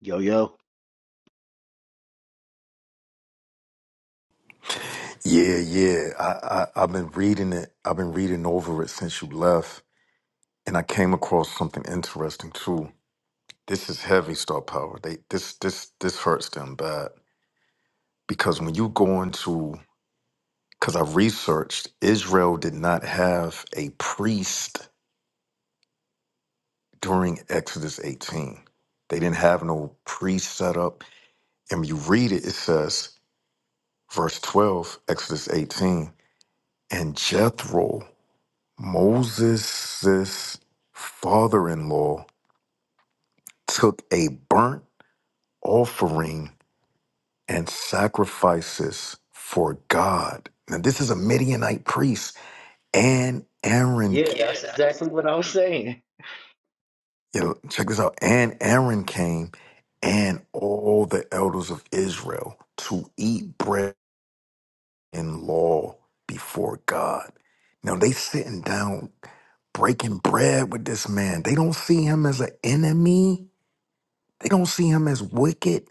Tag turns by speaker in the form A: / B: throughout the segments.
A: Yo, yo.
B: Yeah, yeah. I, I I've been reading it. I've been reading over it since you left, and I came across something interesting too. This is heavy star power. They this this this hurts them bad because when you go into because I researched Israel did not have a priest during Exodus 18. They didn't have no priest set up. And when you read it, it says verse 12, Exodus 18, and Jethro Moses' father in law took a burnt offering and sacrifices for God. Now, this is a Midianite priest, and Aaron.
A: Yeah,
B: Yeah.
A: that's exactly what I was saying.
B: Yeah, check this out. And Aaron came and all the elders of Israel to eat bread in law before God. Now, they sitting down breaking bread with this man. They don't see him as an enemy They don't see him as wicked.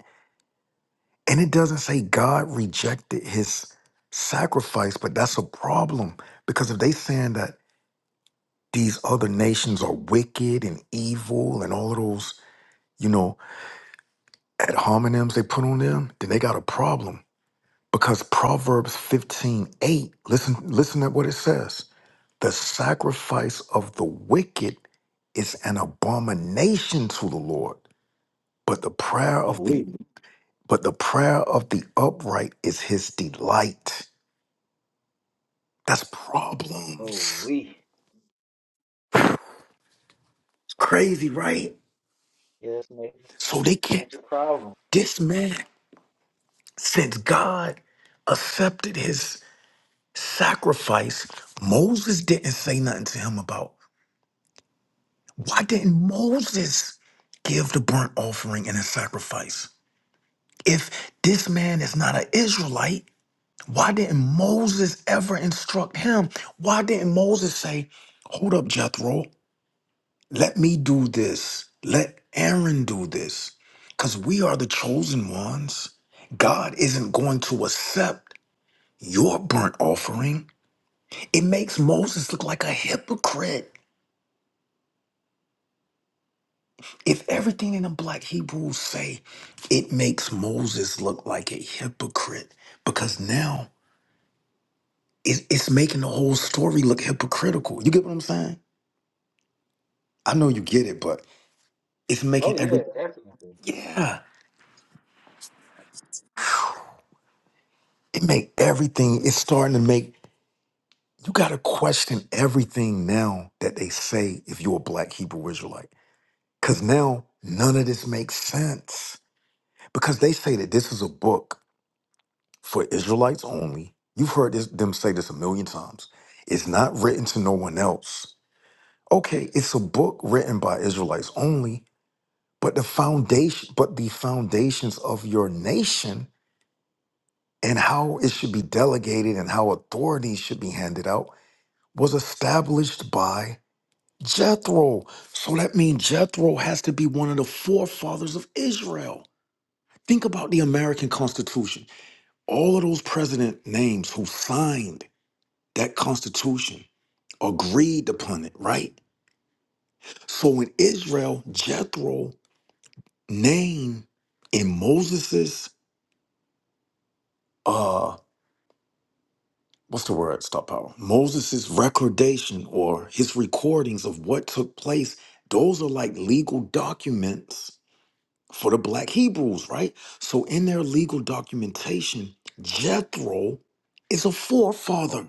B: And it doesn't say God rejected his sacrifice, but that's a problem because if they saying that these other nations are wicked and evil and all of those, you know, ad hominems they put on them, then they got a problem. Because Proverbs 15 8. listen, listen at what it says. The sacrifice of the wicked is an abomination to the Lord, but the prayer
A: Oh,
B: of the
A: we.
B: But the prayer of the upright is his delight. That's
A: Oh,
B: problems.
A: we.
B: It's crazy, right?
A: Yeah, that's a major,
B: So they can't.
A: major problem.
B: This man, since God accepted his sacrifice, Moses didn't say nothing to him about why didn't Moses give the burnt offering and a sacrifice? If this man is not an Israelite, why didn't Moses ever instruct him? Why didn't Moses say, Hold up, Jethro. Let me do this. Let Aaron do this. Because we are the chosen ones. God isn't going to accept your burnt offering. It makes Moses look like a hypocrite. If everything in the black Hebrews say, it makes Moses look like a hypocrite because now it- it's making the whole story look hypocritical. You get what I'm saying? I know you get it, but it's making
A: Oh, yeah,
B: every
A: definitely.
B: yeah. It make everything. It's starting to make You got to question everything now that they say if you're a black Hebrew Israelite. Because now none of this makes sense. Because they say that this is a book for Israelites only. You've heard this, them say this a million times. It's not written to no one else. Okay, it's a book written by Israelites only, but the foundation, but the foundations of your nation and how it should be delegated and how authority should be handed out was established by Jethro. So that means Jethro has to be one of the forefathers of Israel. Think about the American Constitution. All of those president names who signed that Constitution agreed upon it, right? So in Israel, Jethro name in Moses's uh what's the word? Stop power. Moses's recordation or his recordings of what took place, those are like legal documents for the black Hebrews, right? So in their legal documentation, Jethro is a forefather.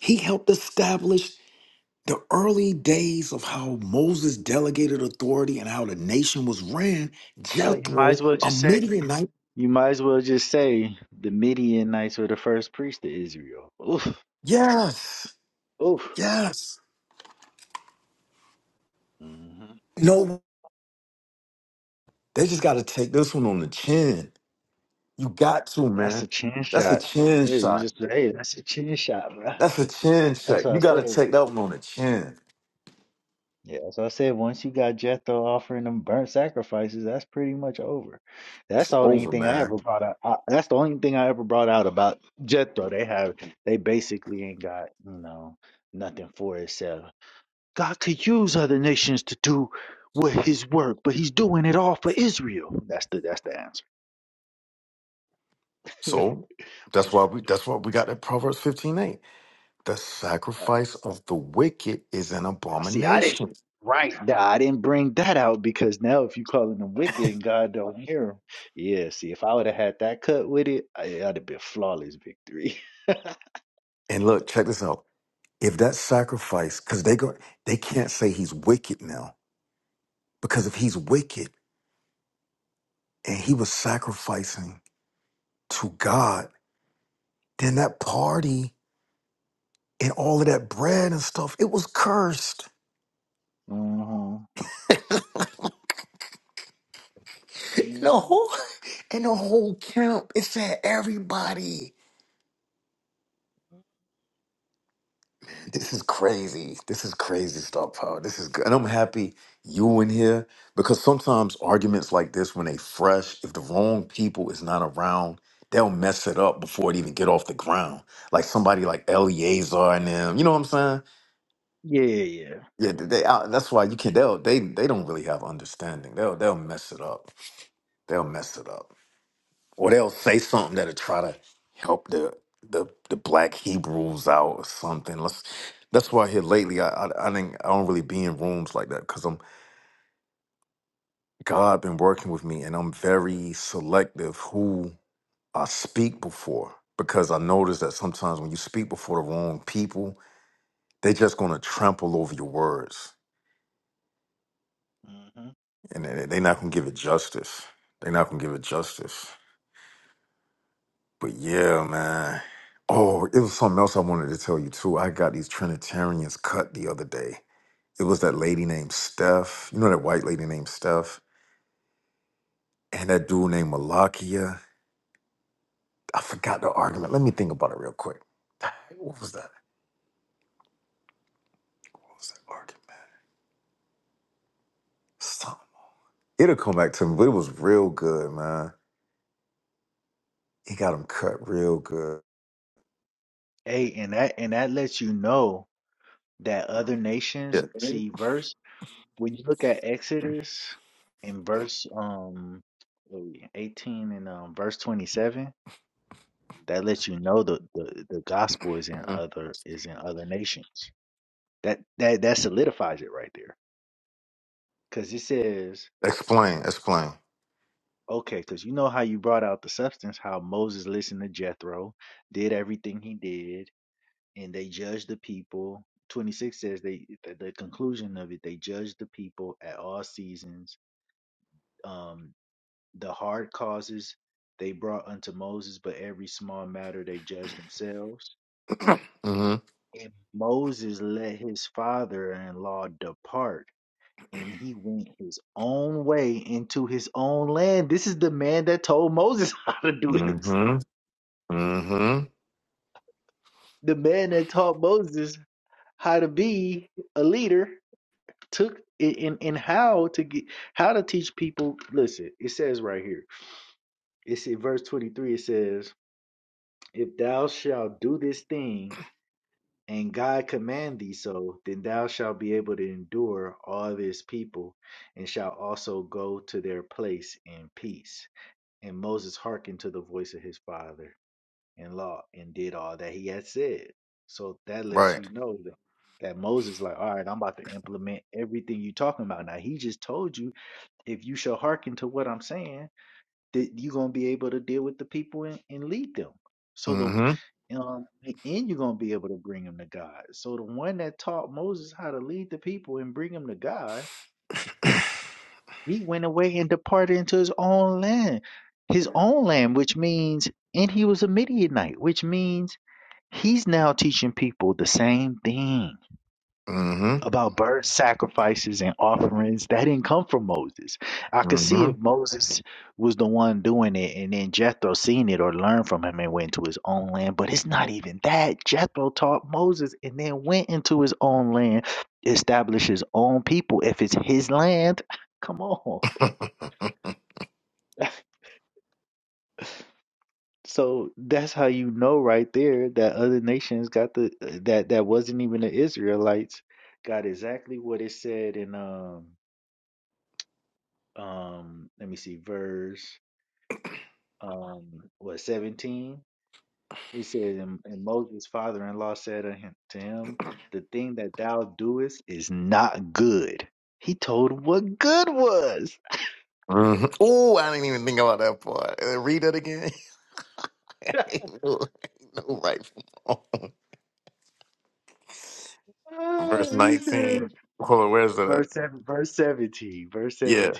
B: He helped establish the early days of how Moses delegated authority and how the nation was ran.
A: No, you might
B: Jethro,
A: as well
B: a
A: just say,
B: Midianite.
A: you might as well just say the Midianites were the first priest of Israel. Oof,
B: Yes,
A: oof.
B: yes.
A: hmm
B: No, they just got to take this one on the chin. You got to,
A: That's a
B: man.
A: chin
B: That's a
A: shot.
B: chin
A: Yeah, you
B: shot.
A: just say, hey, that's a chin shot, bro.
B: That's a chin
A: That's
B: check.
A: what
B: You
A: I
B: got to
A: said.
B: take that one on the chin.
A: Yeah, so I said once you got Jethro offering them burnt sacrifices, that's pretty much over. That's
B: It's
A: the only
B: over,
A: thing I
B: man.
A: ever brought out. I, that's the only thing I ever brought out about Jethro. They have, they basically ain't got, you know, nothing for itself. God could use other nations to do what His work, but He's doing it all for Israel. That's the that's the answer.
B: So that's why we that's why we got that Proverbs 15 8. The
A: Right.
B: sacrifice of the wicked is an
A: Now, see, I didn't
B: abomination.
A: right now. I didn't bring that out because now if you calling them wicked and God don't hear them, yeah. See, if I would have had that cut with it, I, I'd have been flawless victory.
B: And look, check this out. If that sacrifice, because they go they can't say he's wicked now. Because if he's wicked and he was sacrificing to God, then that party and all of that bread and stuff, it was cursed.
A: hmm
B: the
A: hmm
B: whole and the whole camp, it said everybody. This is crazy. This is crazy stuff, Power. This is good. And I'm happy you in here because sometimes arguments like this, when they fresh, if the wrong people is not around, they'll mess it up before it even get off the ground. Like somebody like Eliezer and them. You know what I'm saying?
A: Yeah, yeah.
B: Yeah, they, they- I- that's why you can. They'll they they don't really have understanding. They'll they'll mess it up. They'll mess it up or they'll say something that'll try to help the the, the black Hebrews out or something. Let's, that's why here lately I, I I think I don't really be in rooms like that because I'm God been working with me and I'm very selective who I speak before because I notice that sometimes when you speak before the wrong people, they're just gonna trample over your words
A: hmm
B: and they're not gonna give it justice. They're not gonna give it justice. But yeah, man. Oh, it was something else I wanted to tell you too. I got these Trinitarians cut the other day. It was that lady named Steph. You know that white lady named Steph? And that dude named Malakia. I forgot the argument. Let me think about it real quick. What was that? What was that argument? Something. It'll come back to me, but it was real good, man. He got him cut real good.
A: Hey, and that and that lets you know that other nations
B: Yeah.
A: see verse when you look at Exodus in verse um what we- eighteen and um verse twenty seven. that lets you know the, the the gospel is in
B: hmm
A: other is in other nations. That that that solidifies it right there, because it says
B: Explain, explain.
A: okay, because you know how you brought out the substance, how Moses listened to Jethro, did everything he did, and they judged the people. Twenty six says they the, the conclusion of it they judged the people at all seasons. Um, the hard causes they brought unto Moses, but every small matter they judged themselves
B: Mm-hmm.
A: And Moses let his father in law depart, and he went his own way into his own land. This is the man that told Moses how to do it.
B: Mm-hmm. Mm-hmm.
A: The man that taught Moses how to be a leader took in and how to get how to teach people. Listen, it says right here. It's in verse 23, it says, If thou shalt do this thing, and God command thee so, then thou shalt be able to endure all this people, and shalt also go to their place in peace. And Moses hearkened to the voice of his father in law and did all that he had said. So that lets
B: Right.
A: you know that, that Moses, like, all right, I'm about to implement everything you talking about. Now, he just told you, if you shall hearken to what I'm saying, that you're gonna be able to deal with the people and, and lead them. So
B: Mm-hmm.
A: the um and you're gonna be able to bring them to God. So the one that taught Moses how to lead the people and bring them to God, he went away and departed into his own land, his own land, which means and he was a Midianite, which means he's now teaching people the same thing about bird sacrifices and offerings that didn't come from Moses. I could
B: Mm-hmm.
A: see if Moses was the one doing it and then Jethro seen it or learned from him and went to his own land, but it's not even that. Jethro taught Moses and then went into his own land, established his own people. If it's his land, come on. So that's how you know right there that other nations got the that that wasn't even the Israelites got exactly what it said in um um let me see verse um what 17 he says and, and moses father-in-law said unto him to him, the thing that thou doest is not good he told him what good was
B: Mhm. Oh, I didn't even think about that part. Uh, Read it again. ain't no, ain't no right from wrong.
A: Ah,
B: Verse
A: he
B: 19.
A: said-
B: Hold on, where's that? at?
A: verse 7 verse 17 verse
B: Yeah.
A: 17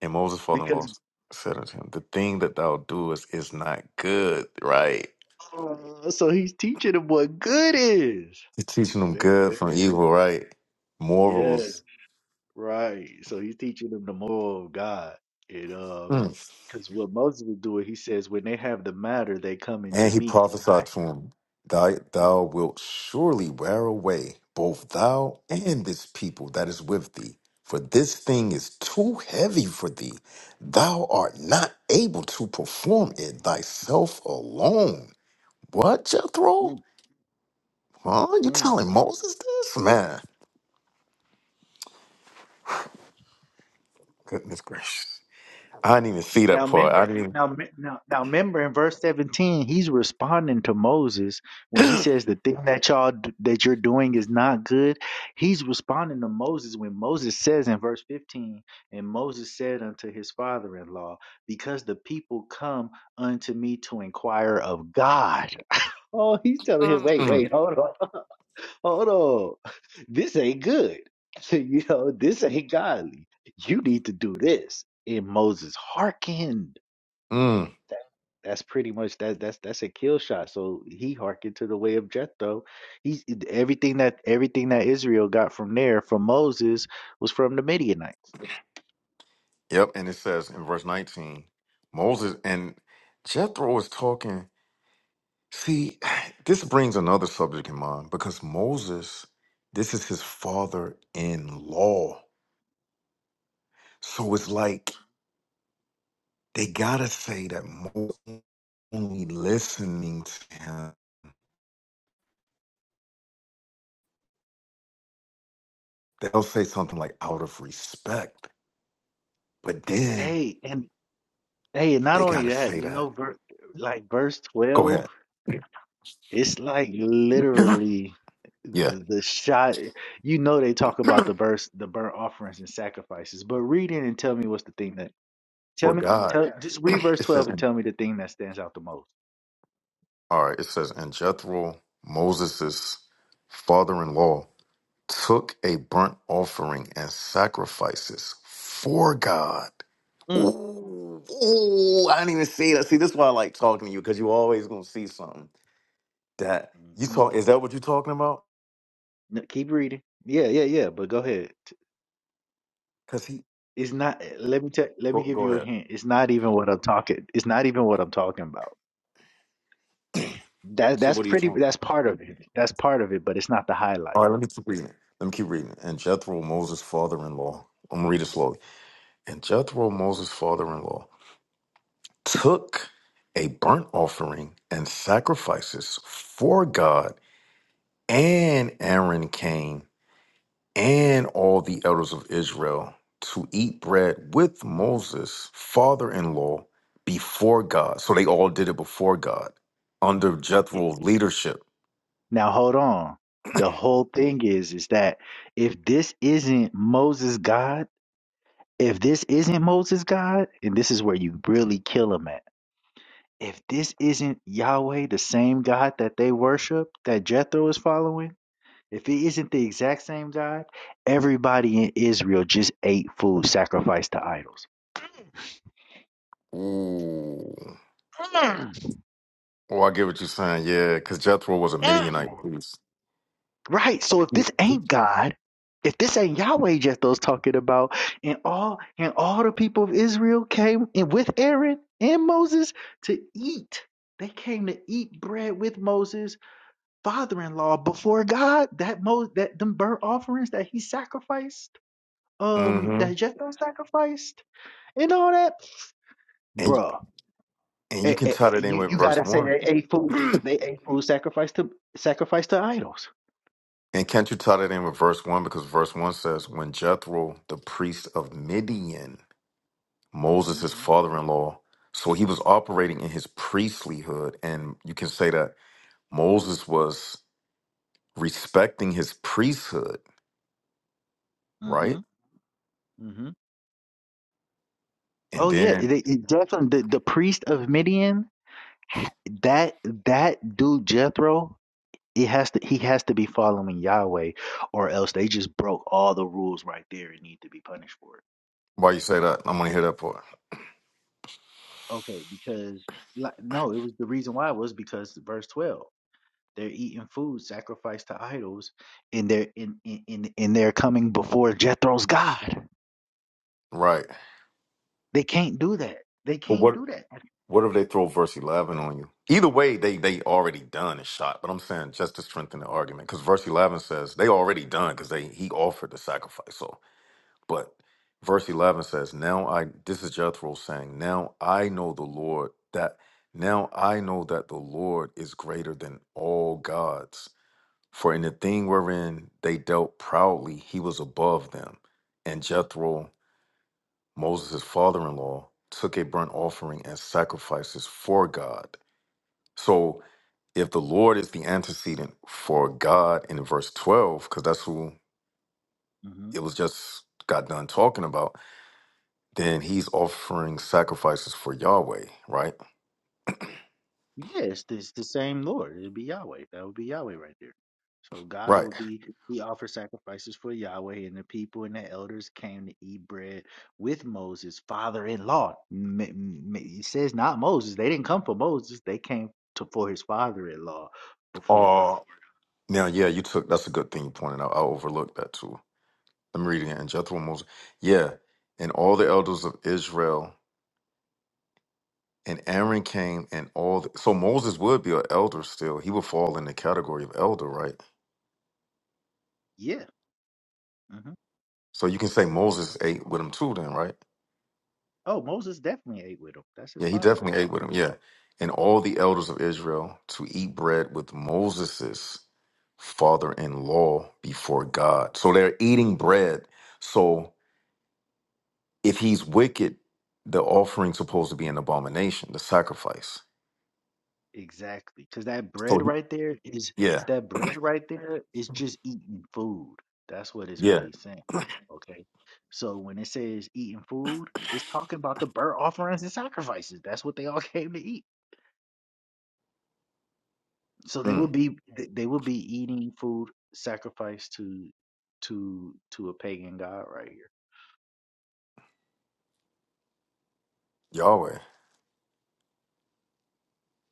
B: And Moses falling
A: because
B: lost said unto him, The thing that thou doest is not good, right?
A: uh, so he's teaching him what good is
B: You're teaching them
A: man
B: good
A: that-
B: from evil, right?
A: yeah
B: Morals.
A: right so he's teaching him the moral of god you uh. Because what Moses was doing, he says, when they have the matter, they come into
B: And he
A: me, and I.
B: prophesied to him, Thy, Thou wilt surely wear away, both thou and this people that is with thee, for this thing is too heavy for thee. Thou art not able to perform it thyself alone. What, Jethro?
A: Mm,
B: Huh? You
A: mm.
B: telling Moses this? Man, goodness gracious. I didn't even see that
A: Now
B: part. I
A: remember,
B: didn't even.
A: now, me- now, now remember, in verse seventeen, he's responding to Moses when he says the thing that y'all d- that you're doing is not good. He's responding to Moses when Moses says in verse fifteen, and Moses said unto his father-in-law, because the people come unto me to inquire of God. Oh, he's telling him, wait,
B: Mm.
A: wait, hold on. hold on, this ain't good. you know, this ain't godly. You need to do this. And Moses hearkened.
B: Mm.
A: That's pretty much that. That's that's a kill shot. So he hearkened to the way of Jethro. He's everything that everything that Israel got from there from Moses was from the Midianites.
B: Yep. And it says in verse 19, Moses and Jethro was talking See, this brings another subject in mind because Moses, this is his father in law. So it's
A: Mhm.
B: like they gotta say that Moses only listening to him. They'll say something like out of respect, but then
A: Hey, and hey, and not
B: they
A: only
B: gotta
A: that,
B: say
A: you
B: that.
A: know, ver like verse
B: Go
A: 12,
B: ahead.
A: it's like literally
B: yeah.
A: the, the shot. You know, they talk about the verse, the burnt offerings and sacrifices, but read it and tell me what's the thing that.
B: For
A: Tell me,
B: God.
A: tell just read verse
B: it says
A: twelve and tell me the thing that stands out the most.
B: all right, it says, and Jethro, Moses' father in law. took a burnt offering and sacrifices for God.
A: Mm.
B: Ooh, ooh, I didn't even see that. See, this is why I like talking to you because you always gonna see something that you
A: hmm
B: talk. Is that what you're talking about?
A: No, keep reading. Yeah, yeah, yeah. But go ahead. T-
B: Because he
A: It's not. eh, Let me tell. Let me
B: go,
A: give
B: go
A: you a
B: ahead.
A: hint. It's not even what I'm talking. It's not even what I'm talking about. That
B: So
A: that's
B: what are you
A: pretty.
B: talking?
A: That's part of it. That's part of it. But it's not the
B: All
A: highlight.
B: right, let me keep reading. Let me keep reading. And Jethro, Moses' father-in-law. I'm gonna read it slowly. And Jethro, Moses' father-in-law, took a burnt offering and sacrifices for God. And Aaron came and all the elders of Israel to eat bread with
A: Mm.
B: Moses, father in law, before God. So they all did it before God under
A: Y-
B: Jethro's leadership.
A: Now hold on. The whole thing is is that if this isn't Moses God, if this isn't Moses God, and this is where you really kill him at If this isn't Yahweh, the same God that they worship, that Jethro is following, if it isn't the exact same God, everybody in Israel just ate food sacrificed to idols.
B: Ooh.
A: Mm,
B: Oh, I get what you're saying. Yeah, because Jethro was a Midianite
A: mm.
B: priest.
A: Right. So if this ain't God, if this ain't Yahweh Jethro's talking about, and all and all the people of Israel came in with Aaron and Moses to eat. They came to eat bread with Moses father-in-law before God. That most that them burnt offerings that he sacrificed, um,
B: Mm-hmm.
A: that Jethro sacrificed, and all that,
B: And,
A: bruh.
B: and you
A: eh,
B: can
A: eh,
B: tie
A: eh,
B: that in
A: you
B: with
A: you
B: verse
A: gotta say
B: one.
A: they ate food.
B: and
A: They ate food sacrificed to sacrificed to idols.
B: can't you tie that in with verse one? Because verse one says, when Jethro, the priest of Midian, Moses'
A: hmm
B: father in law. So he was operating in his priestlyhood. And you can say that Moses was respecting his priesthood,
A: Mm-hmm.
B: right?
A: Mm-hmm.
B: And
A: Oh yeah,
B: then
A: they, it definitely the, the priest of Midian. That that dude Jethro. It has to he has to be following Yahweh or else they just broke all the rules right there and need to be punished for it.
B: why you say that? I'm gonna hear that part.
A: Okay, because like no, it was the reason why was because verse twelve. They're eating food sacrificed to idols and they're in in, in, and they're coming before Jethro's God.
B: Right.
A: They can't do that. They
B: But
A: can't
B: what
A: do that.
B: what if they throw verse eleven on you? Either way, they they already done and shot. But I'm saying just to strengthen the argument, because verse eleven says they already done because they he offered the sacrifice. So. But verse 11 says, Now I, this is Jethro saying, Now I know the Lord that, now I know that the Lord is greater than all gods. For in the thing wherein they dealt proudly, he was above them. And Jethro, Moses' father in law, took a burnt offering and sacrifices for God. So if the Lord is the antecedent for God in verse 12, because that's who it was just got done talking about then he's offering sacrifices for Yahweh, right?
A: Yes, it's the same Lord. It'd be Yahweh. That would be Yahweh right there. So God
B: Right.
A: would be, he offered sacrifices for Yahweh, and the people and the elders came to eat bread with Moses, father in law. M- m- It says not Moses. They didn't come for Moses. They came to for his father in law before God.
B: Uh, now, yeah, you took that's a good thing you pointed out. I overlooked that too. I'm reading it. And Jethro Moses, yeah, and all the elders of Israel, and Aaron came, and all. The, so Moses would be an elder still. He would fall in the category of elder, right?
A: Yeah. hmm
B: So you can say Moses ate with him too, then, right?
A: Oh, Moses definitely ate with him. That's his
B: Yeah, he
A: father in
B: definitely
A: law.
B: ate with him. Yeah. And all the elders of Israel to eat bread with Moses' father in law before God. So they're eating bread. So if he's wicked, the offering's supposed to be an abomination, the sacrifice.
A: Exactly. Because that
B: So,
A: bread
B: he-
A: right there is
B: yeah,
A: that bread right there is just eating food. That's what it's
B: yeah,
A: really saying. Okay. So when it says eating food, it's talking about the burnt offerings and sacrifices. That's what they all came to eat. So they will
B: mm,
A: be th- they will be eating food sacrificed to to to a pagan god right here.
B: Yahweh.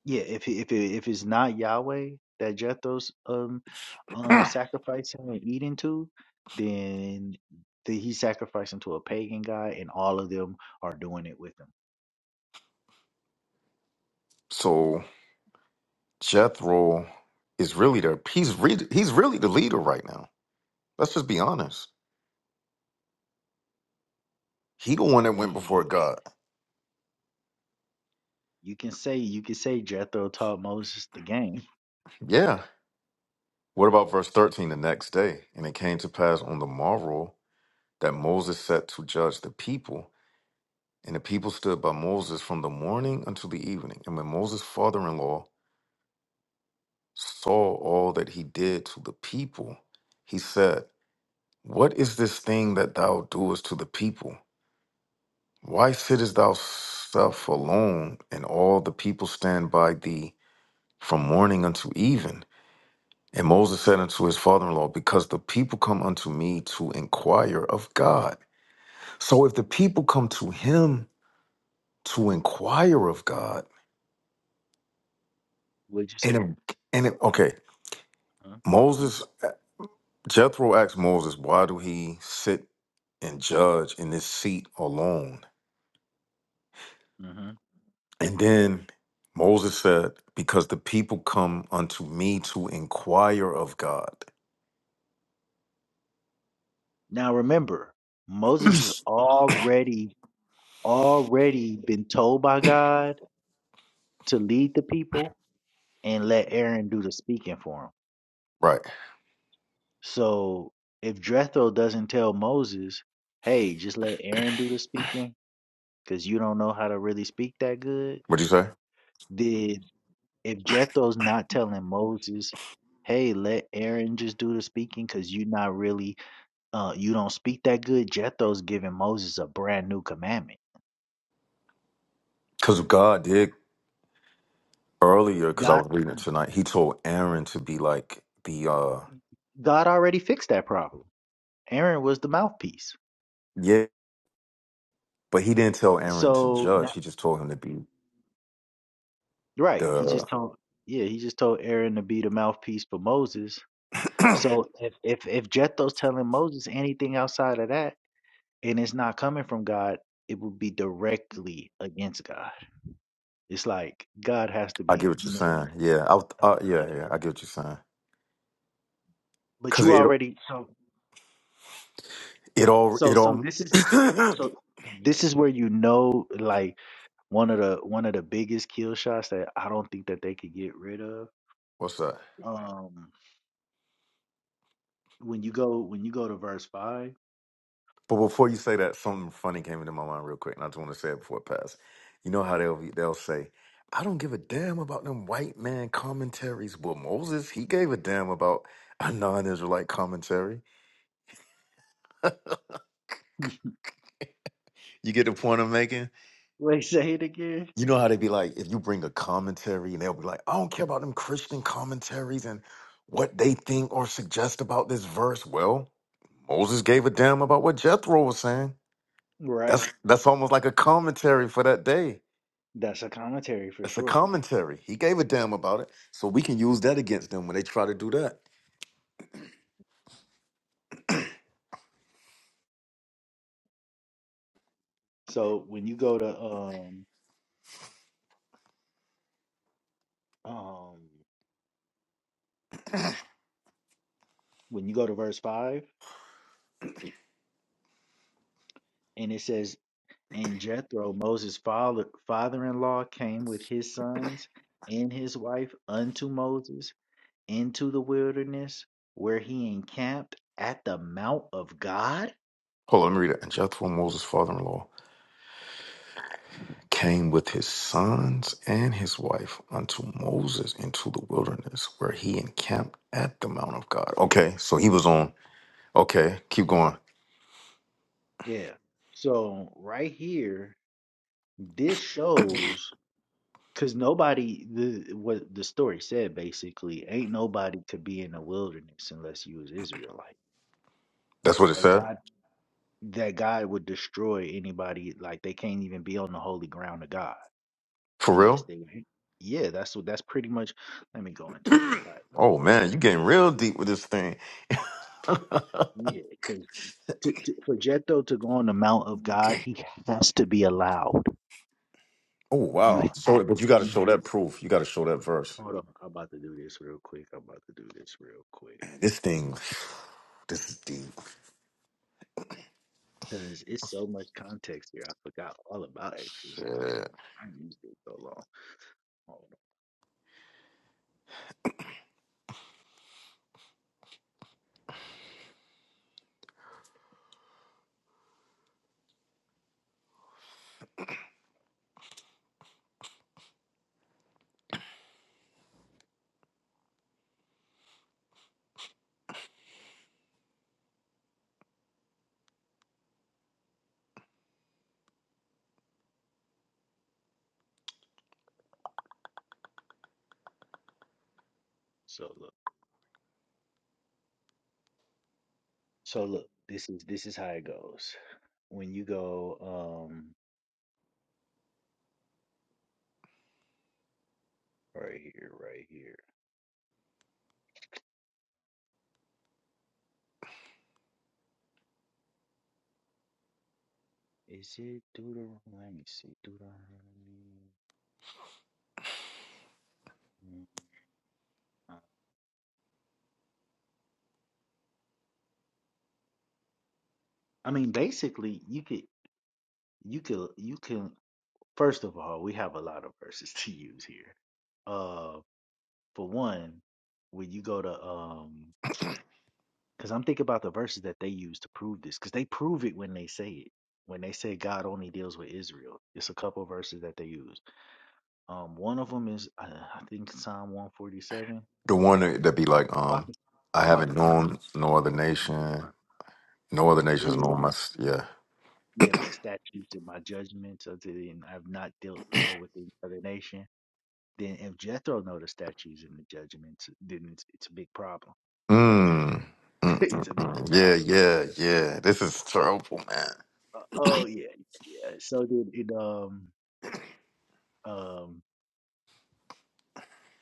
A: Yeah, if it- if it, if it's not Yahweh that Jethro's um um sacrificing and eating to, then the, he's sacrificing to a pagan god, and all of them are doing it with him.
B: So Jethro is really there. He's, re- he's really the leader right now. Let's just be honest. He the one
A: I
B: that went
A: mean,
B: before
A: you
B: God.
A: you can say you can say Jethro taught Moses the game.
B: Yeah. What about verse 13? The next day, and it came to pass on the morrow that Moses sat to judge the people, and the people stood by Moses from the morning until the evening. And when Moses' father in law saw all that he did to the people, he said, What is this thing that thou doest to the people? Why sittest thou self alone, and all the people stand by thee from morning until even? And Moses said unto his father in law, Because the people come unto me to inquire of God. So if the people come to him to inquire of God,
A: Would you
B: and
A: say?
B: if- and if- okay,
A: Huh?
B: Moses, Jethro asked Moses, Why do he sit and judge in this seat alone?
A: hmm
B: And then Moses said, Because the people come unto me to inquire of God.
A: Now remember, Moses has already already been told by God to lead the people and let Aaron do the speaking for him.
B: Right.
A: So if Jethro doesn't tell Moses, "Hey, just let Aaron do the speaking," because you don't know how to really speak that good.
B: What'd you say?
A: Did if Jethro's not telling Moses, hey, let Aaron just do the speaking because you're not really uh you don't speak that good, Jethro's giving Moses a brand new commandment.
B: Because God did earlier because I
A: God
B: was reading it tonight. He told Aaron to be like the uh
A: God already fixed that problem. Aaron was the mouthpiece.
B: yeah, but he didn't tell Aaron to
A: So now,
B: judge. He just told him to be
A: right, he
B: the.
A: just told yeah, he just told Aaron to be the mouthpiece for Moses. So if if, if Jethro's telling Moses anything outside of that, and it's not coming from God, it would be directly against God. It's like God has to
B: I
A: be,
B: get what you're saying. Yeah, I, was-
A: uh,
B: uh, yeah,
A: yeah.
B: yeah. I get what you're saying.
A: but
B: Cause
A: you
B: it
A: already so
B: it all it
A: so so
B: all.
A: this is so this is where you know like one of the one of the biggest kill shots that I don't think that they could get rid of.
B: what's that?
A: Um, when you go when you go to verse five,
B: But before you say that, something funny came into my mind real quick, and I just want to say it before it passes. You know how they'll be, they'll say. I don't give a damn about them white man commentaries. Well, Moses, he gave a damn about a non-Israelite commentary. You get the point I'm making?
A: wait, say it again.
B: You know how they be like, if you bring a commentary and they'll be like, I don't care about them Christian commentaries and what they think or suggest about this verse. Well, Moses gave a damn about what Jethro was saying. That's
A: Right,
B: that's almost like a commentary for that day.
A: that's a commentary for
B: That's a
A: sure.
B: commentary. He gave a damn about it. So we can use that against them when they try to do that.
A: So when you go to um um when you go to verse five, and it says And Jethro, Moses' father in law, came with his sons and his wife unto Moses into the wilderness, where he encamped at the Mount of God.
B: Hold on, let me read it. And Jethro, Moses' father in law, came with his sons and his wife unto Moses into the wilderness, where he encamped at the Mount of God. Okay, so he was on Okay, keep going.
A: Yeah. So right here, this shows because nobody the what the story said basically ain't nobody could be in the wilderness unless you was Israelite.
B: That's what it
A: That
B: said?
A: God that God would destroy anybody like they can't even be on the holy ground of God.
B: For
A: unless
B: real?
A: they were hit. Yeah, that's what that's pretty much. Let me go into it. How it
B: oh
A: goes.
B: man, you getting real deep with this thing.
A: Yeah, because to, to, for Jethro to go on the Mount of God,
B: Okay.
A: he has to be allowed.
B: oh
A: You
B: wow. So
A: have.
B: but you gotta
A: You
B: show
A: have.
B: that proof. You gotta show that verse.
A: Hold on. I'm about to do this real quick. I'm about to do this real quick
B: Man, This thing, this is deep.
A: because it's so much context here. I forgot all about exercise.
B: Yeah.
A: I haven't used it so long. Hold on. So look. So look. This is this is how it goes. When you go um right here, right here. Is it? Deuteronomy? Let me see. Deuteronomy. mm, uh, I mean, basically, you could, you could, you can. First of all, we have a lot of verses to use here. Uh, for one, when you go to um, because I'm thinking about the verses that they use to prove this, because they prove it when they say it. When they say God only deals with Israel, it's a couple verses that they use. Um, one of them is uh, I think Psalm 147. I'm
B: The one that that be like,
A: about
B: um,
A: to,
B: I
A: I'm about
B: haven't
A: to find
B: known
A: it.
B: no other nation. No other nation has
A: Yeah.
B: known my s- yeah.
A: yeah, my statutes and my judgments unto thee, and I've not dealt so with any other nation. Then if Jethro know the statutes and the judgments, then it's it's a big problem. Okay,
B: Mm. Mm, mm,
A: it's a big
B: mm. Yeah,
A: problem.
B: yeah, yeah. This is terrible, man.
A: Uh, oh yeah, yeah. So then it um um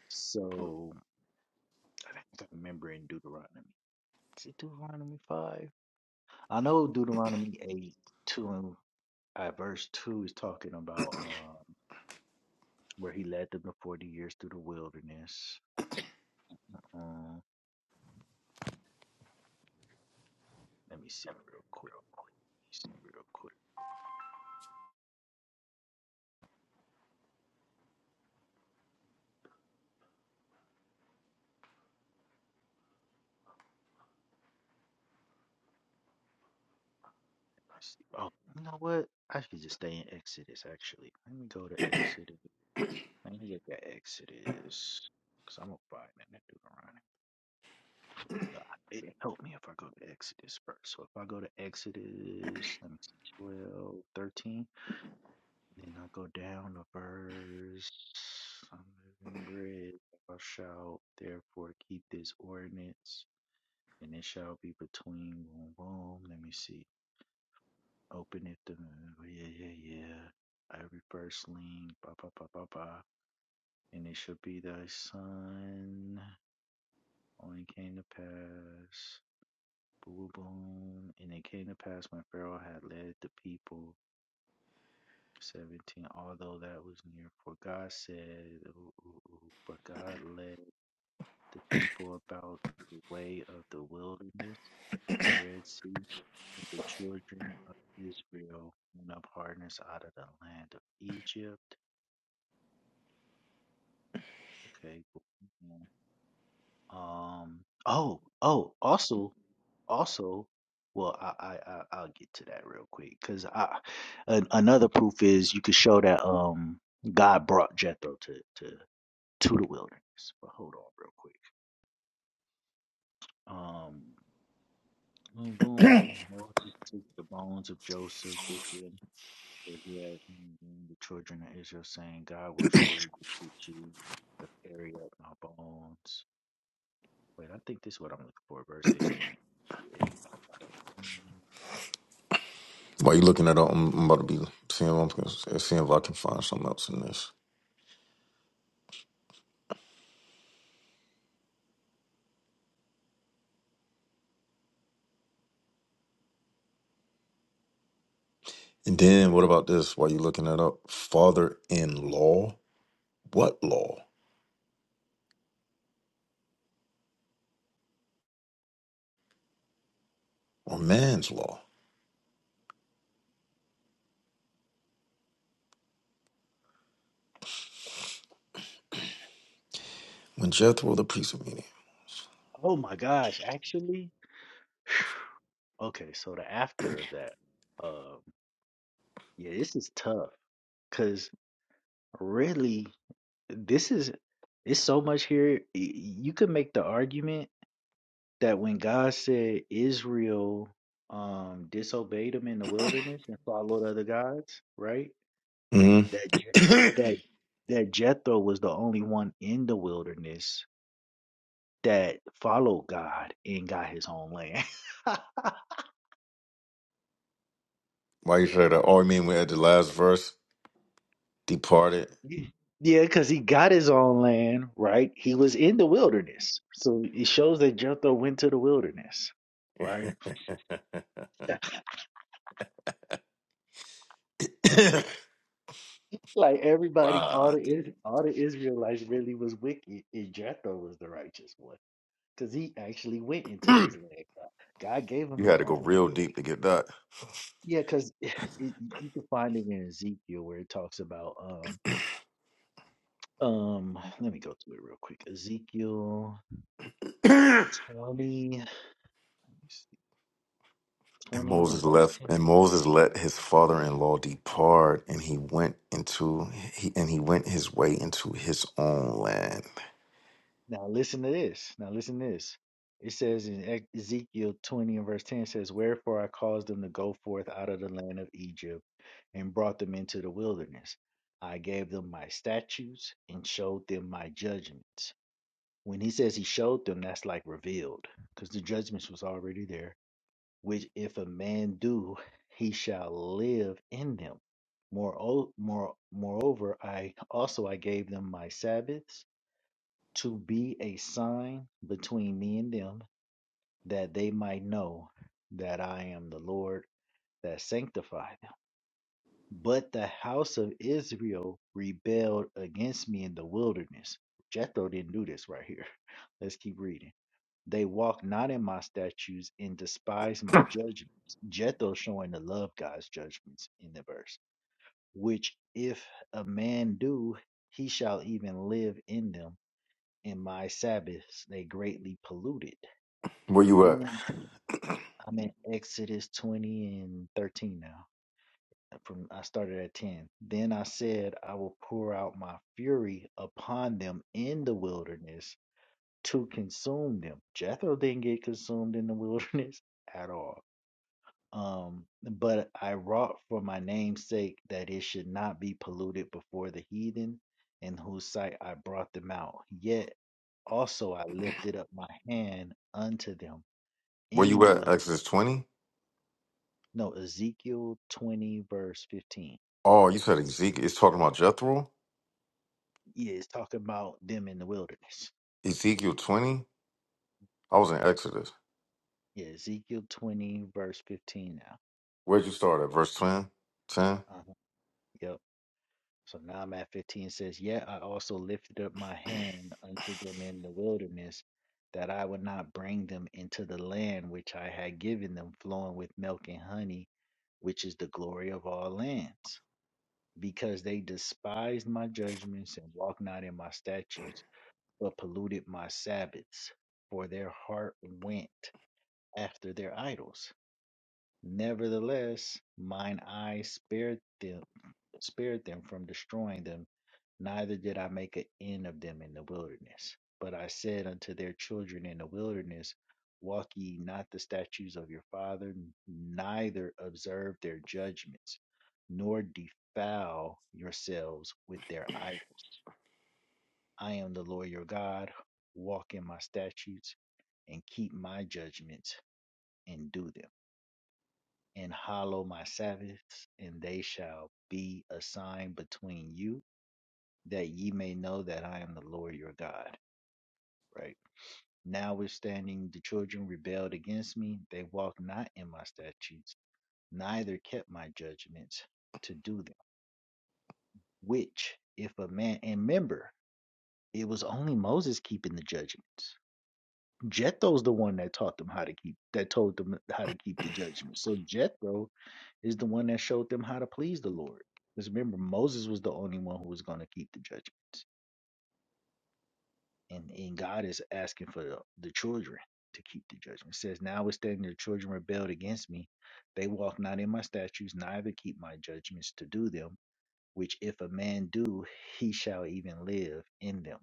A: so I think I remember in Deuteronomy. Is it Deuteronomy five? I know Deuteronomy eight two and uh, verse two is talking about um where he led them the forty years through the wilderness. Um, let me see real quick. see real quick. See. Oh, you know what? I should just stay in Exodus, actually. Let me go to Exodus. Let me get that Exodus. Because I'm going to find that Deuteronomy. God, it help me if I go to Exodus first. So if I go to Exodus, let me see, 12, 13, then I go down to verse, I'm living bread, thou shalt therefore keep this ordinance, and it shall be between, boom, boom, let me see, Open it the yeah, yeah, yeah. I reverse lean, ba ba ba ba ba. And it shall be thy son. Oh, it came to pass. Boom, boom. And it came to pass when Pharaoh had led the people. 17. Although that was near, for God said, ooh, ooh, ooh, but God led. the people about the way of the wilderness of the Red Sea, and the children of Israel went up hardness out of the land of Egypt. Okay. cool. Mm-hmm. Um. Oh. Oh. Also. Also. Well, I, I I I'll get to that real quick because I an, another proof is you could show that um God brought Jethro to to to the wilderness. But hold on real quick. Um. Boom, boom, and the Moses took the bones of Joseph with him, for he had handed the children of Israel, saying, God will surely defeat you to carry up my bones. Wait, I think this is what I'm looking for, verse 18. Yeah, he went a lot of- Mm.
B: While you looking at all, I'm, I'm about to be seeing, if I'm- seeing if I can find something else in this. And then what about this while you're looking that up? Father in law? What law? Or man's law? When Jethro the priest of
A: Oh my gosh, actually? Okay, so the after of that, um, yeah, this is tough because really, this is it's so much here. y- You could make the argument that when God said Israel um, disobeyed him in the wilderness and followed other gods, right?
B: Midian.
A: That
B: hmm
A: Je- that that Jethro was the only one in the wilderness that followed God and got his own land.
B: Why you say that? Oh, I mean we had the last verse, departed.
A: yeah, because he got his own land, right? He was in the wilderness, so it shows that Jethro went to the wilderness, right? Like everybody, all
B: wow.
A: the Is- all the Israelites really was wicked, and Jethro was the righteous one. Because he actually went into
B: you
A: his leg. uh, God gave him his
B: had to go
A: own
B: real
A: leg.
B: deep to get that.
A: Yeah, because you can find it in Ezekiel where it talks about um um let me go to it real quick. Ezekiel
B: and
A: 20, let me see, 20
B: Moses
A: and verse
B: left
A: 10.
B: and Moses let his father in law depart and he went into he and he went his way into his own land.
A: Now listen to this. Now listen to this. It says in Ec- Ezekiel 20 and verse 10 says, Wherefore I caused them to go forth out of the land of Egypt and brought them into the wilderness. I gave them my statutes and showed them my judgments. When he says he showed them, that's like revealed, because the judgments was already there. Which if a man do, he shall live in them. Moreo, more, moreover, I also I gave them my Sabbaths to be a sign between me and them, that they might know that I am the Lord that sanctified them. But the house of Israel rebelled against me in the wilderness. Jethro didn't do this right here. Let's keep reading. They walk not in my statutes and despise my judgments. Jethro showing to love God's judgments in the verse, which if a man do, he shall even live in them. In my Sabbaths they greatly polluted.
B: Where you at?
A: Then I'm in Exodus 20 and 13 now. uh, From I started at 10. Then I said, I will pour out my fury upon them in the wilderness to consume them. Jethro didn't get consumed in the wilderness at all Um, but I wrought for my name's sake that it should not be polluted before the heathen, in whose sight I brought them out. Yet also I lifted up my hand unto them
B: Where
A: in
B: you
A: the
B: at?
A: wilderness.
B: Exodus twenty?
A: No, Ezekiel 20, verse 15.
B: Oh, you said Ezekiel. It's talking about Jethro?
A: Yeah, it's talking about them in the wilderness.
B: Ezekiel 20? I was in Exodus.
A: Yeah, Ezekiel 20, verse 15 now.
B: Where'd you start at? Verse 10? 10?
A: Uh-huh. Yep. So now I'm at 15 says, Yet I also lifted up my hand unto them in the wilderness, that I would not bring them into the land which I had given them, flowing with milk and honey, which is the glory of all lands. Because they despised my judgments and walked not in my statutes, but polluted my Sabbaths, for their heart went after their idols. Nevertheless, mine eye spared them, spared them from destroying them neither did I make an end of them in the wilderness. But I said unto their children in the wilderness, Walk ye not the statutes of your father, neither observe their judgments, nor defile yourselves with their idols. I am the Lord your God. Walk in my statutes and keep my judgments and do them. And hallow my Sabbaths, and they shall be a sign between you, that ye may know that I am the Lord your God. right? now Notwithstanding the children rebelled against me, they walked not in my statutes, neither kept my judgments to do them. Which, if a man, and remember, it was only Moses keeping the judgments. Jethro's the one that taught them how to keep, that told them how to keep the judgments. So Jethro is the one that showed them how to please the Lord. Because remember, Moses was the only one who was going to keep the judgments. and and God is asking for the, the children to keep the judgment. It says, notwithstanding the children rebelled against me, they walk not in my statutes, neither keep my judgments to do them, which if a man do, he shall even live in them.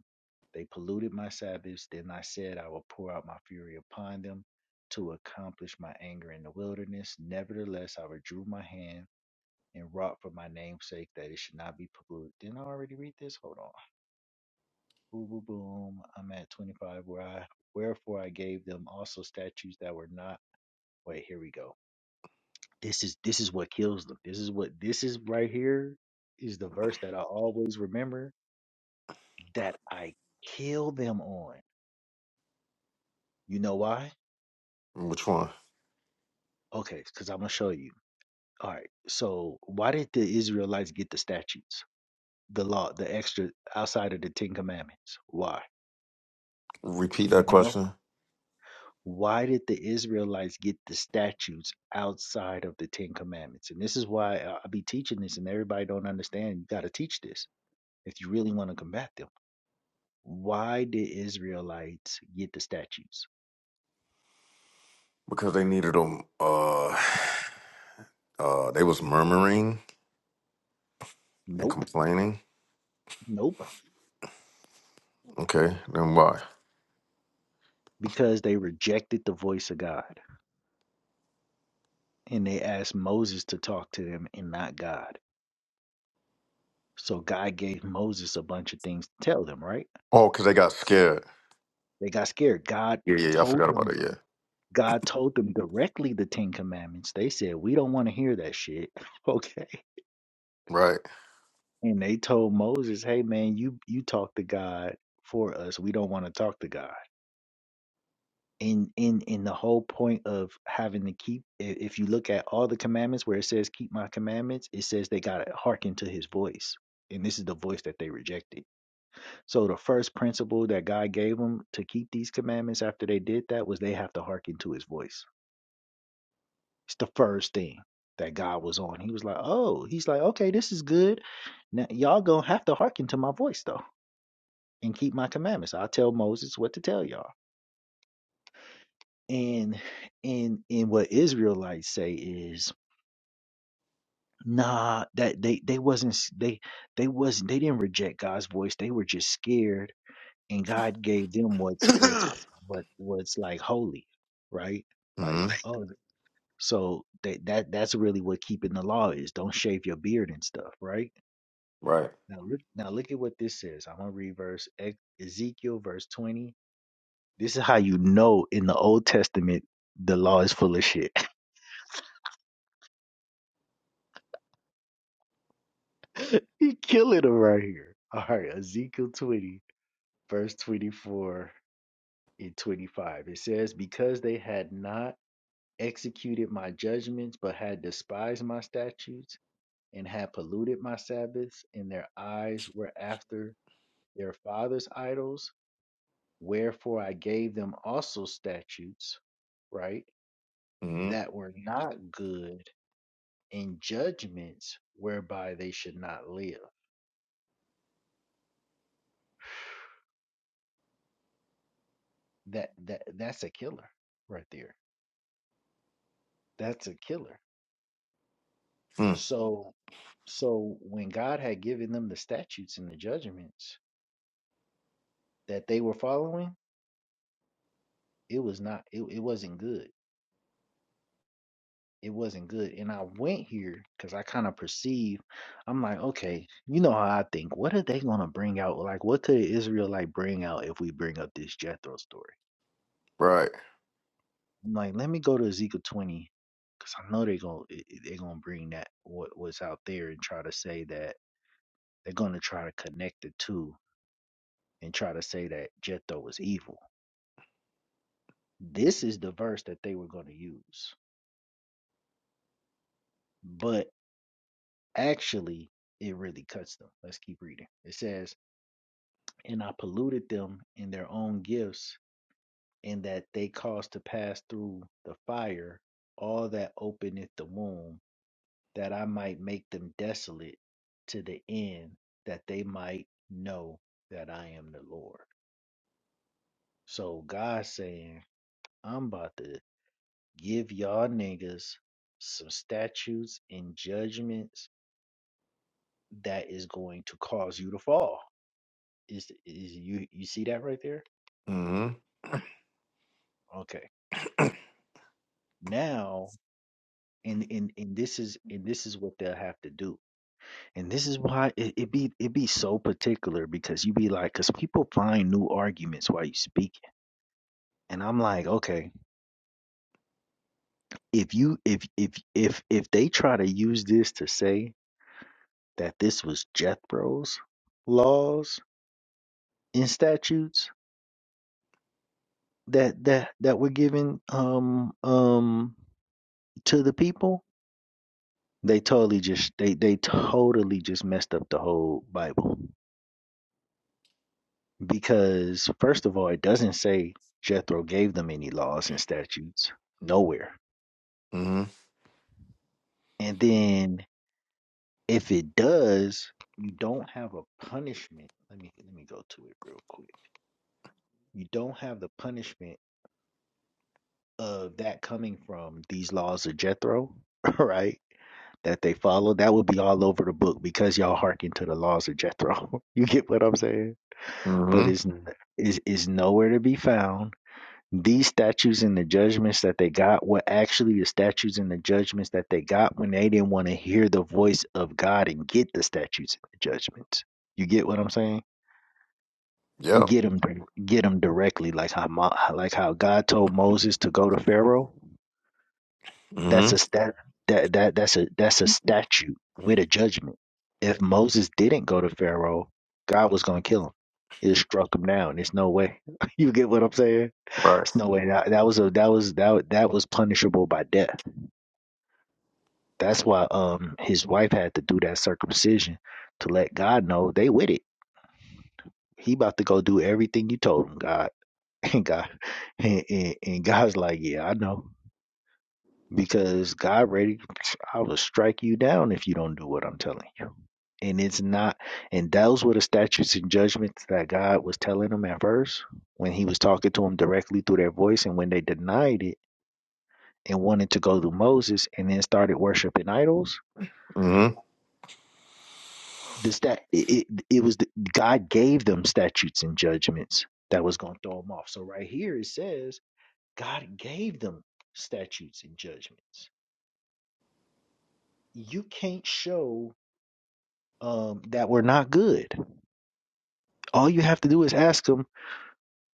A: They polluted my Sabbaths, then I said, I will pour out my fury upon them to accomplish my anger in the wilderness. Nevertheless, I withdrew my hand and wrought for my name's sake that it should not be polluted. Didn't I already read this? Hold on. Boom, boom, boom. I'm at 25 where I wherefore I gave them also statues that were not. Wait, here we go. This is this is what kills them. This is what this is right here is the verse that I always remember that I kill them on. You know why?
B: Which one?
A: Okay, because I'm gonna show you. All right. So why did the Israelites get the statutes, the law, the extra outside of the Ten Commandments? Why?
B: Repeat
A: Do
B: that
A: you know?
B: question.
A: why did the Israelites get the statutes outside of the Ten Commandments? And this is why I I be teaching this, and everybody don't understand. You got to teach this if you really want to combat them. Why did Israelites get the statutes?
B: Because they needed them. Uh, uh, they was murmuring and
A: Nope,
B: complaining.
A: nope,
B: Okay, then why?
A: because they rejected the voice of God and they asked Moses to talk to them and not God. So God gave Moses a bunch of things to tell them, right?
B: Oh, because they got scared.
A: They got scared. God
B: Yeah, yeah, yeah. I
A: told
B: forgot about
A: them
B: it. Yeah.
A: God told them directly the Ten Commandments. They said, "We don't want to hear that shit." Okay.
B: Right.
A: And they told Moses, "Hey man, you you talk to God for us. We don't want to talk to God." And in in the whole point of having to keep, i- if you look at all the commandments where it says keep my commandments, it says they got to hearken to His voice. And this is the voice that they rejected. So the first principle that God gave them to keep these commandments after they did that was they have to hearken to His voice. It's the first thing that God was on. He was like, oh, he's like, okay, this is good. Now y'all gonna have to hearken to my voice though and keep my commandments. I'll tell Moses what to tell y'all. And and and what Israelites say is nah that they they wasn't they they wasn't they didn't reject God's voice. They were just scared and God gave them what's what's what what's like holy, right?
B: hmm
A: Like oh so that that that's really what keeping the law is. Don't shave your beard and stuff, right?
B: Right.
A: Now look, now look at what this says. I'm gonna read verse Ex- Ezekiel verse 20. This is how you know in the Old Testament the law is full of shit. he killing them right here. All right, Ezekiel 20, verse 24 and 25. It says, Because they had not executed my judgments, but had despised my statutes, and had polluted my Sabbaths, and their eyes were after their fathers' idols Wherefore I gave them also statutes, right,
B: hmm
A: that were not good and judgments whereby they should not live. That that that's a killer right there. That's a killer.
B: Mm.
A: So so when God had given them the statutes and the judgments that they were following, it was not it, it wasn't good it wasn't good. And I went here because I kind of perceived, I'm like, okay, you know how I think. What are they going to bring out? Like, what could an Israelite bring out if we bring up this Jethro story?
B: Right.
A: I'm like, let me go to Ezekiel 20 because I know they're going to they're gonna bring that, what, what's out there, and try to say that they're going to try to connect the two and try to say that Jethro was evil. This is the verse that they were going to use. But actually, it really cuts them. Let's keep reading. It says, and I polluted them in their own gifts, in that they caused to pass through the fire all that openeth the womb, that I might make them desolate to the end, that they might know that I am the Lord. So God saying, I'm about to give y'all niggas some statutes and judgments that is going to cause you to fall. Is is you you see that right there?
B: hmm
A: Okay. Now and and and this is and this is what they'll have to do and this is why it, it be it be so particular because you be like because people find new arguments while you speak and i'm like okay if you if if if if they try to use this to say that this was jethro's laws and statutes that that that were given um um to the people they totally just they they totally just messed up the whole bible Because, first of all, it doesn't say Jethro gave them any laws and statutes, nowhere.
B: hmm
A: And then if it does, you don't have a punishment. Let me let me go to it real quick. You don't have the punishment of that coming from these laws of Jethro, right? That they follow. That would be all over the book because y'all hearken to the laws of Jethro. you get what I'm saying?
B: hmm
A: But it's it's is nowhere to be found These statutes and the judgments that they got were actually the statutes and the judgments that they got when they didn't want to hear the voice of God and get the statutes and the judgments. You get what I'm saying? And
B: Yep.
A: get them, get them directly, like how Mo- like how God told Moses to go to Pharaoh.
B: hmm
A: That's a stat. That that that's a that's a statute with a judgment. If Moses didn't go to Pharaoh, God was gonna kill him. He struck him down. There's no way. you get what I'm saying?
B: Right.
A: No way. That, that was a that was that that was punishable by death. That's why um his wife had to do that circumcision to let God know they with it. He about to go do everything you told him, God. And God and, and, and God's like, yeah, I know. Because God ready, I will strike you down if you don't do what I'm telling you. And it's not, and those were the statutes and judgments that God was telling them at first when he was talking to them directly through their voice. And when they denied it, and wanted to go to Moses and then started worshiping idols,
B: hmm
A: the stat it, it, it was the, God gave them statutes and judgments that was going to throw them off. So right here it says God gave them statutes and judgments. You can't show um, that we're not good. All you have to do is ask them,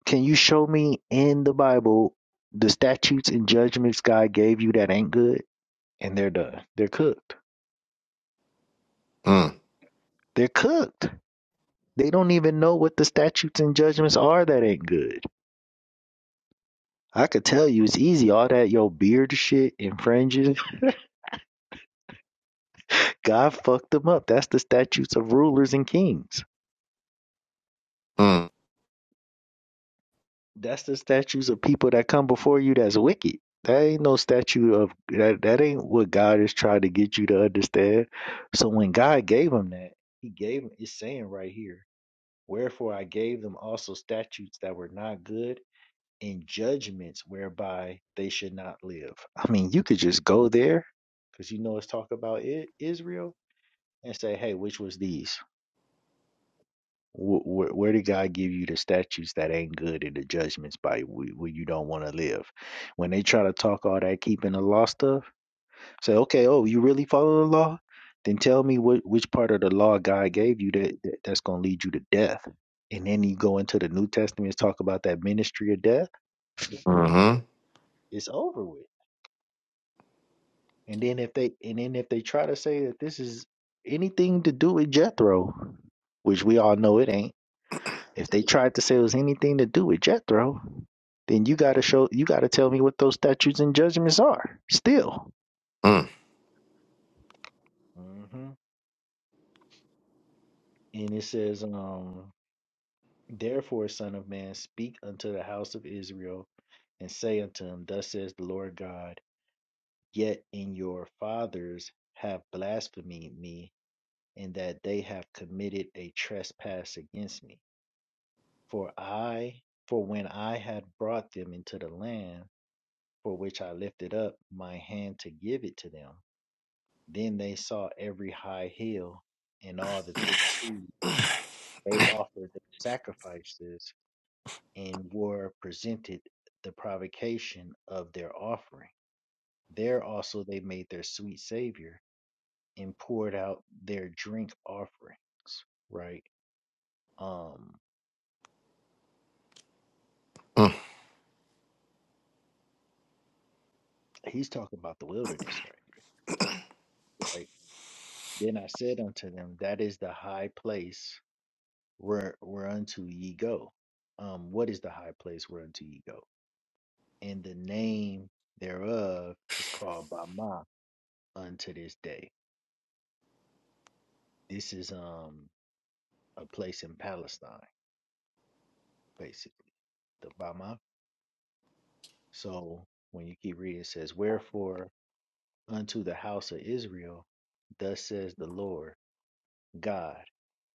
A: "Can you show me in the Bible the statutes and judgments God gave you that ain't good?" And they're done. They're cooked.
B: Mm.
A: They're cooked They don't even know what the statutes and judgments are that ain't good. I could tell you it's easy. All that your beard shit and fringes, God fucked them up. That's the statutes of rulers and kings. That's the statutes of people that come before you that's wicked. That ain't no statute of that that ain't what God is trying to get you to understand. So when God gave him that, he gave him it's saying right here, Wherefore I gave them also statutes that were not good and judgments whereby they should not live. I mean, you could just go there because you know it's talk about I- Israel and say, hey, which was these? Wh- wh- where did God give you the statutes that ain't good and the judgments by wh- where you don't want to live? When they try to talk all that keeping the law stuff, say, okay, oh, you really follow the law? Then tell me what which part of the law God gave you that, that that's going to lead you to death. And then you go into the New Testament and talk about that ministry of death.
B: Mm.
A: It's over with And then if they and then if they try to say that this is anything to do with Jethro, which we all know it ain't. If they tried to say it was anything to do with Jethro, then you gotta show you gotta tell me what those statutes and judgments are. Still.
B: hmm
A: hmm And it says, um, therefore, son of man, speak unto the house of Israel and say unto them, Thus says the Lord God, yet in your fathers have blasphemed me and that they have committed a trespass against me. For I, for when I had brought them into the land for which I lifted up my hand to give it to them, then they saw every high hill and all the thick trees. They offered the sacrifices and were presented the provocation of their offering. There also they made their sweet Savior and poured out their drink offerings. Right. Um
B: Mm,
A: He's talking about the wilderness, right? Right. Then I said unto them, That is the high place where whereunto ye go. Um, what is the high place whereunto ye go? And the name thereof is called Bama unto this day. This is um a place in Palestine, basically, the Bama. So when you keep reading, it says, Wherefore unto the house of Israel, thus says the Lord God.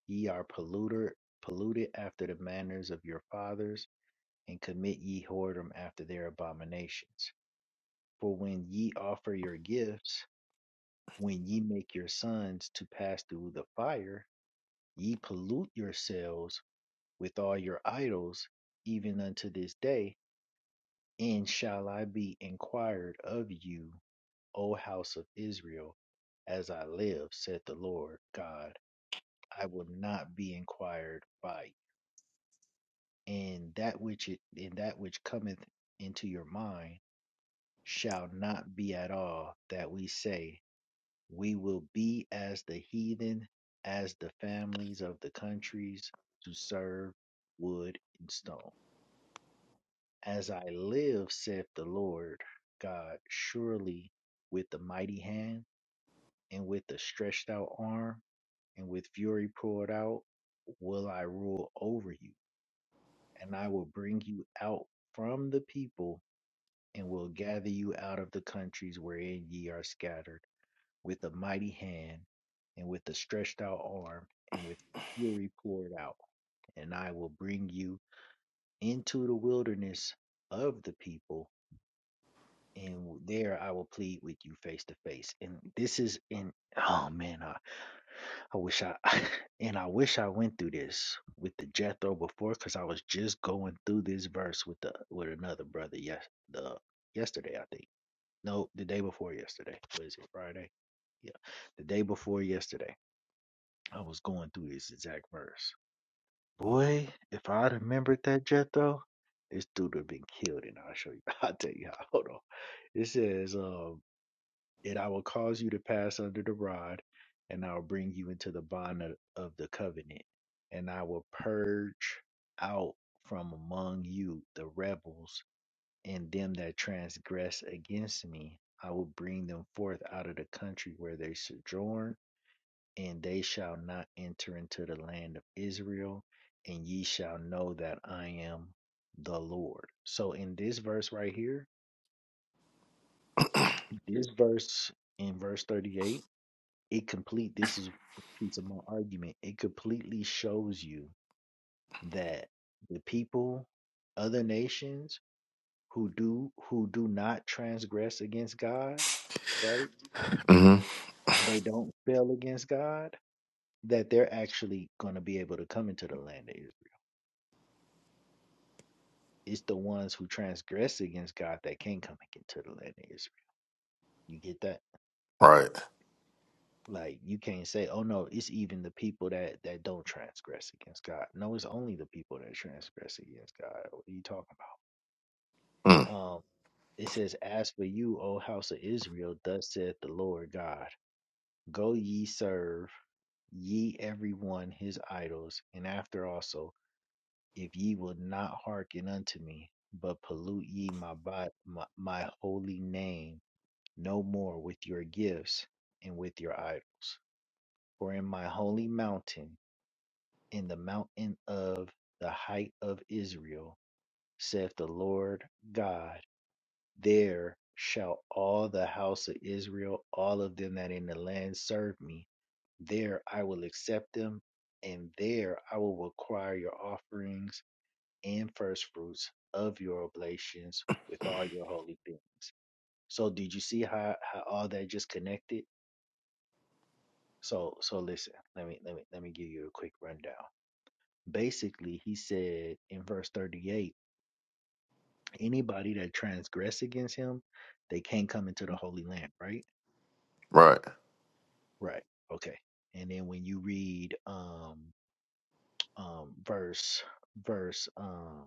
A: Ye are polluter, polluted after the manners of your fathers, and commit ye whoredom after their abominations. For when ye offer your gifts, when ye make your sons to pass through the fire, ye pollute yourselves with all your idols, even unto this day. And shall I be inquired of you, O house of Israel? As I live, saith the Lord God, I will not be inquired by and that which it and that which cometh into your mind shall not be at all that we say we will be as the heathen as the families of the countries to serve wood and stone as i live saith the lord god surely with the mighty hand and with the stretched out arm and with fury poured out will i rule over you and i will bring you out from the people and will gather you out of the countries wherein ye are scattered, with a mighty hand, and with a stretched out arm, and with fury poured out. And I will bring you into the wilderness of the people, and there I will plead with you face to face. And this is in, oh man, I, I wish I, and I wish I went through this with the Jethro before, because I was just going through this verse with the with another brother yes the yesterday I think No, the day before yesterday. What is it? Friday. Yeah, the day before yesterday, I was going through this exact verse. Boy, if I'd remembered that Jethro, this dude would have been killed. And I'll show you. I'll tell you how. Hold on. It says, um, and I will cause you to pass under the rod, and I will bring you into the bond of, of the covenant, and I will purge out from among you the rebels and them that transgress against me, I will bring them forth out of the country where they sojourn, and they shall not enter into the land of Israel, and ye shall know that I am the Lord. So in this verse right here, this verse in verse 38, it complete this is the piece of my argument. It completely shows you that the people, other nations who do who do not transgress against God, right?
B: Mm-hmm.
A: and they don't rebel against God, that they're actually going to be able to come into the land of Israel. It's the ones who transgress against God that can't come into the land of Israel. You get that?
B: Right.
A: Like you can't say, "Oh no, it's even the people that that don't transgress against God." No, it's only the people that transgress against God. What are you talking
B: Mm,
A: about? Um, it says, "As for you, O house of Israel, thus saith the Lord God: Go ye serve ye every one his idols, and after also." if ye will not hearken unto me, but pollute ye my, bo- my my holy name no more with your gifts and with your idols. For in my holy mountain, in the mountain of the height of Israel, saith the Lord God, there shall all the house of Israel, all of them that in the land serve me. There I will accept them, and there I will require your offerings and first fruits of your oblations with all your holy things. So did you see how, how all that just connected? So so listen, let me let me let me give you a quick rundown. Basically, he said in verse 38, anybody that transgress against him, they can't come into the holy land, right?
B: right.
A: Right. Okay. And then when you read um um verse verse um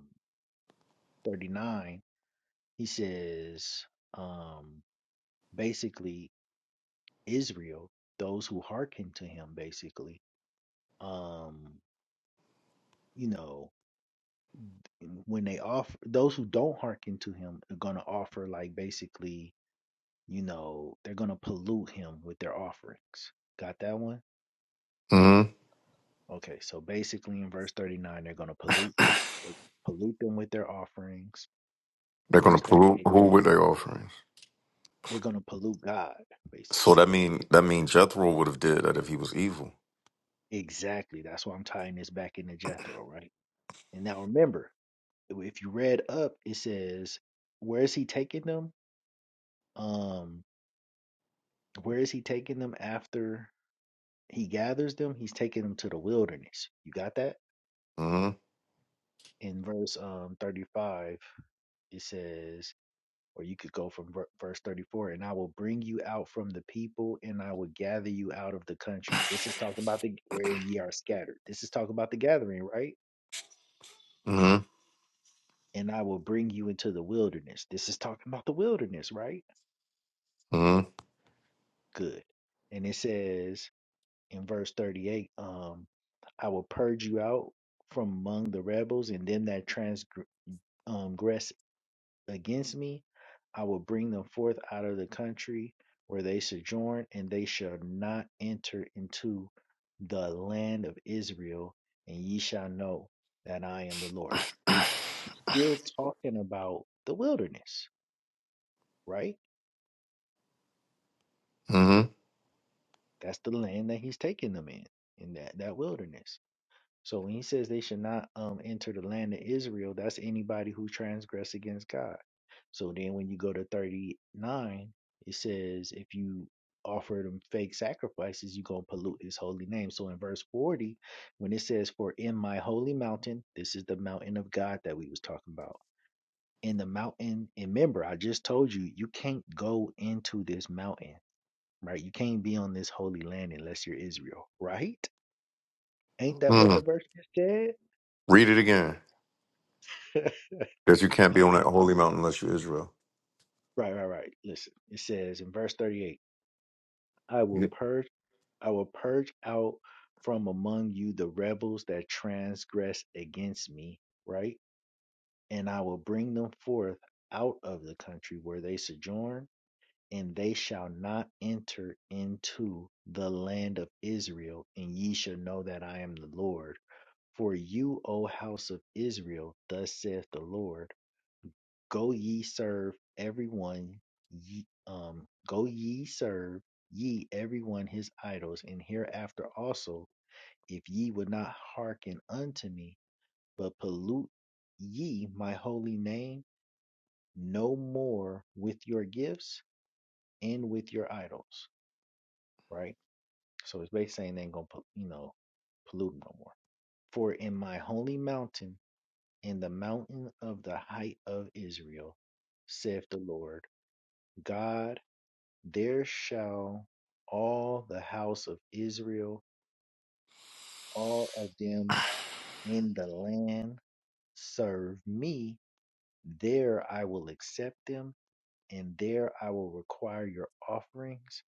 A: 39, he says um basically Israel, those who hearken to him, basically, um, you know, when they offer, those who don't hearken to him are going to offer, like, basically, you know, they're going to pollute him with their offerings. Got that one?
B: Mm-hmm.
A: Okay, so basically in verse 39, they're going to pollute, pollute them with their offerings.
B: They're gonna
A: Verse
B: pollute
A: 38,
B: who with their offerings.
A: they're going to pollute God,
B: So
A: basically.
B: that mean that mean Jethro would have did that if he was evil.
A: Exactly. That's why I'm tying this back into Jethro, right? And now remember, if you read up, it says, where is he taking them? Um, where is he taking them after he gathers them? He's taking them to the wilderness. You got that?
B: Mm-hmm.
A: In verse um 35, it says, or you could go from ver- verse 34, and I will bring you out from the people, and I will gather you out of the countries. This is talking about the where ye are scattered. This is talking about the gathering, right? And I will bring you into the wilderness. This is talking about the wilderness, right?
B: Mm-hmm.
A: Good. And it says, in verse 38 um i will purge you out from among the rebels and them that transgress against me i will bring them forth out of the country where they sojourn and they shall not enter into the land of israel and ye shall know that i am the lord still talking about the wilderness right
B: Mm-hmm.
A: that's the land that he's taking them in in that, that wilderness So when he says they should not um enter the land of Israel, that's anybody who transgress against God. So then when you go to 39, it says if you offer them fake sacrifices, you're gonna pollute his holy name. So in verse 40, when it says, For in my holy mountain, this is the mountain of God that we was talking about. In the mountain, and remember, I just told you you can't go into this mountain, right? You can't be on this holy land unless you're Israel, right? Ain't that what
B: Mm-hmm.
A: the verse just said?
B: Read it again. That you can't be on that holy mountain unless you're Israel.
A: Right, right, right. Listen, it says in verse 38, I will
B: You
A: purge I will purge out from among you the rebels that transgress against me, right? And I will bring them forth out of the country where they sojourn, and they shall not enter into the land of Israel, and ye shall know that I am the Lord. For you, O house of Israel, thus saith the Lord. Go ye serve everyone ye um go ye serve ye everyone his idols, and hereafter also, if ye would not hearken unto me, but pollute ye my holy name no more with your gifts and with your idols. Right? So it's basically saying they ain't gonna pol- you know pollute 'em no more. For in my holy mountain, in the mountain of the height of Israel, saith the Lord God There shall all the house of Israel, all of them in the land, serve me. There I will accept them, and there I will require your offerings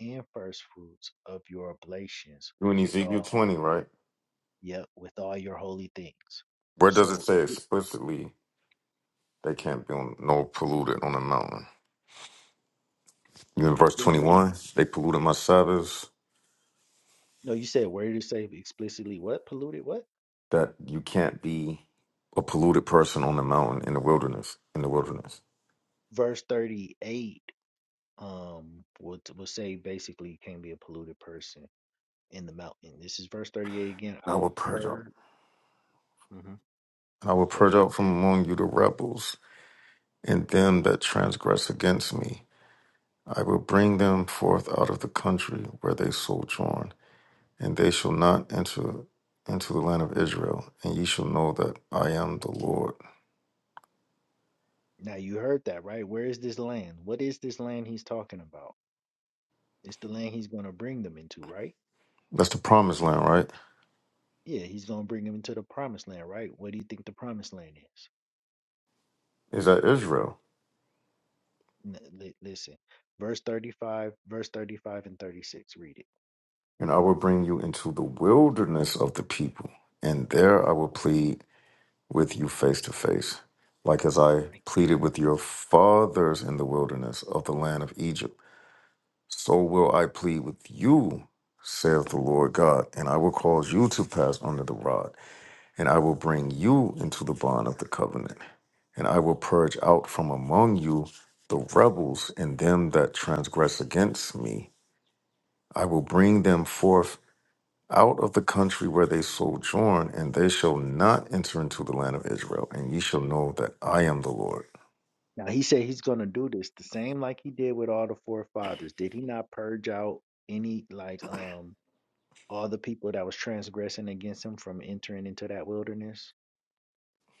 A: and first fruits of your oblations
B: you in
A: with
B: Ezekiel
A: all
B: twenty, right?
A: yep, with all your holy things.
B: Where does it
A: So
B: say
A: y-
B: explicitly they can't be on no polluted on the mountain? You in verse
A: what do
B: twenty
A: you mean?
B: one, they polluted my Sabbaths,
A: No, you said where did it say explicitly what? Polluted what?
B: that you can't be a polluted person on the mountain in the wilderness. In the wilderness.
A: Verse thirty eight um would would say basically you can't be a polluted person in the mountain. This is verse 38 again. I
B: And I will
A: will
B: purge out.
A: purge. hmm
B: And I will
A: Go
B: purge
A: ahead.
B: out from among you the rebels and them that transgress against me. I will bring them forth out of the country where they sojourn, and they shall not enter into the land of Israel. And ye shall know that I am the Lord.
A: Now you heard that, right? Where is this land? What is this land he's talking about? It's the land he's going to bring them into, right?
B: That's the promised land, right?
A: Yeah, he's going to bring them into the promised land, right? What do you think the promised land is?
B: Is that Israel?
A: N- li- listen, verse 35, verse 35 and 36. Read it.
B: And I will bring you into the wilderness of the people, and there I will plead with you face to face, like as I
A: Right?
B: pleaded with your fathers in the wilderness of the land of Egypt So will I plead with you, saith the Lord God, and I will cause you to pass under the rod, and I will bring you into the bond of the covenant, and I will purge out from among you the rebels and them that transgress against me. I will bring them forth out of the country where they sojourn, and they shall not enter into the land of Israel, and ye shall know that I am the Lord.
A: Now he said he's going to do this the same like he did with all the forefathers. Did he not purge out any like um all the people that was transgressing against him from entering into that wilderness?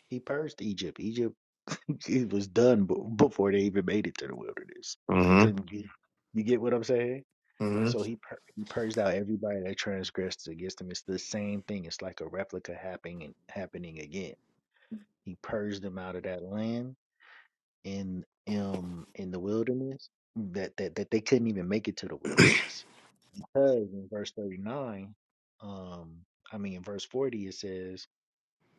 A: He purged Egypt. Egypt it was done b- before they even made it to the wilderness. They
B: Mm-hmm.
A: couldn't get. You get what I'm saying? So
B: Mm-hmm.
A: he pur- he purged out everybody that transgressed against him. It's the same thing. It's like a replica happening happening again. He purged them out of that land in um in the wilderness that that that they couldn't even make it to the wilderness because in verse 39, um, I mean in verse 40 it says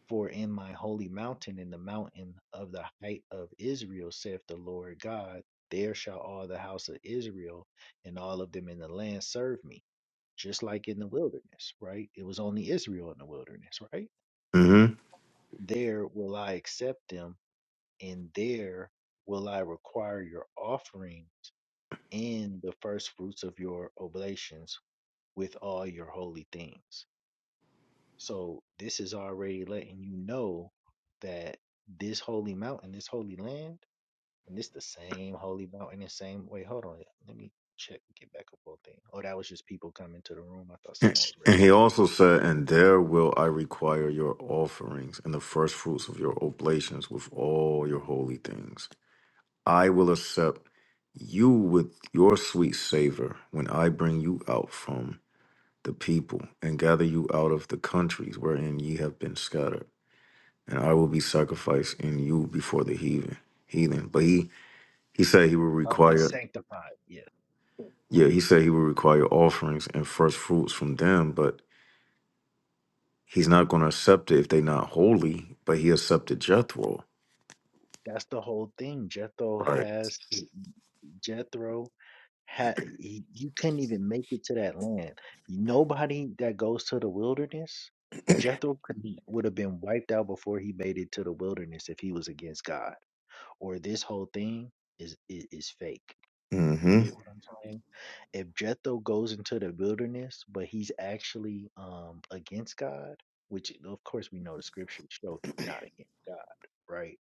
A: for in my holy mountain, in the mountain of the height of Israel, saith the Lord God, there shall all the house of Israel and all of them in the land serve me, just like in the wilderness, right? It was only Israel in the wilderness, right? There will I accept them, and there will I require your offering and the first fruits of your oblations with all your holy things. So this is already letting you know that this holy mountain, this holy land, and this the same holy mountain and same wait, hold on. Let me check get back up on thing. Oh, that was just people coming to the room. I thought
B: And,
A: someone was
B: and
A: raised.
B: he also said, And there will I require your offerings and the first fruits of your oblations with all your holy things. I will accept you with your sweet savor when I bring you out from the people and gather you out of the countries wherein ye have been scattered. And I will be sacrificed in you before the heathen. Heathen. But he, he said he would
A: I'll be
B: require,
A: sanctified. Yeah.
B: yeah, he said he would require offerings and first fruits from them, but He's not going to accept it if they're not holy, but he accepted Jethro.
A: That's the whole thing. Jethro
B: Right.
A: has Jethro had he, you couldn't even make it to that land. Nobody that goes to the wilderness, Jethro could, would have been wiped out before he made it to the wilderness if he was against God or this whole thing is is, is fake. You
B: Mm-hmm.
A: get what I'm saying? If Jethro goes into the wilderness, but he's actually um against God, which of course we know the scriptures show he's not against God, right?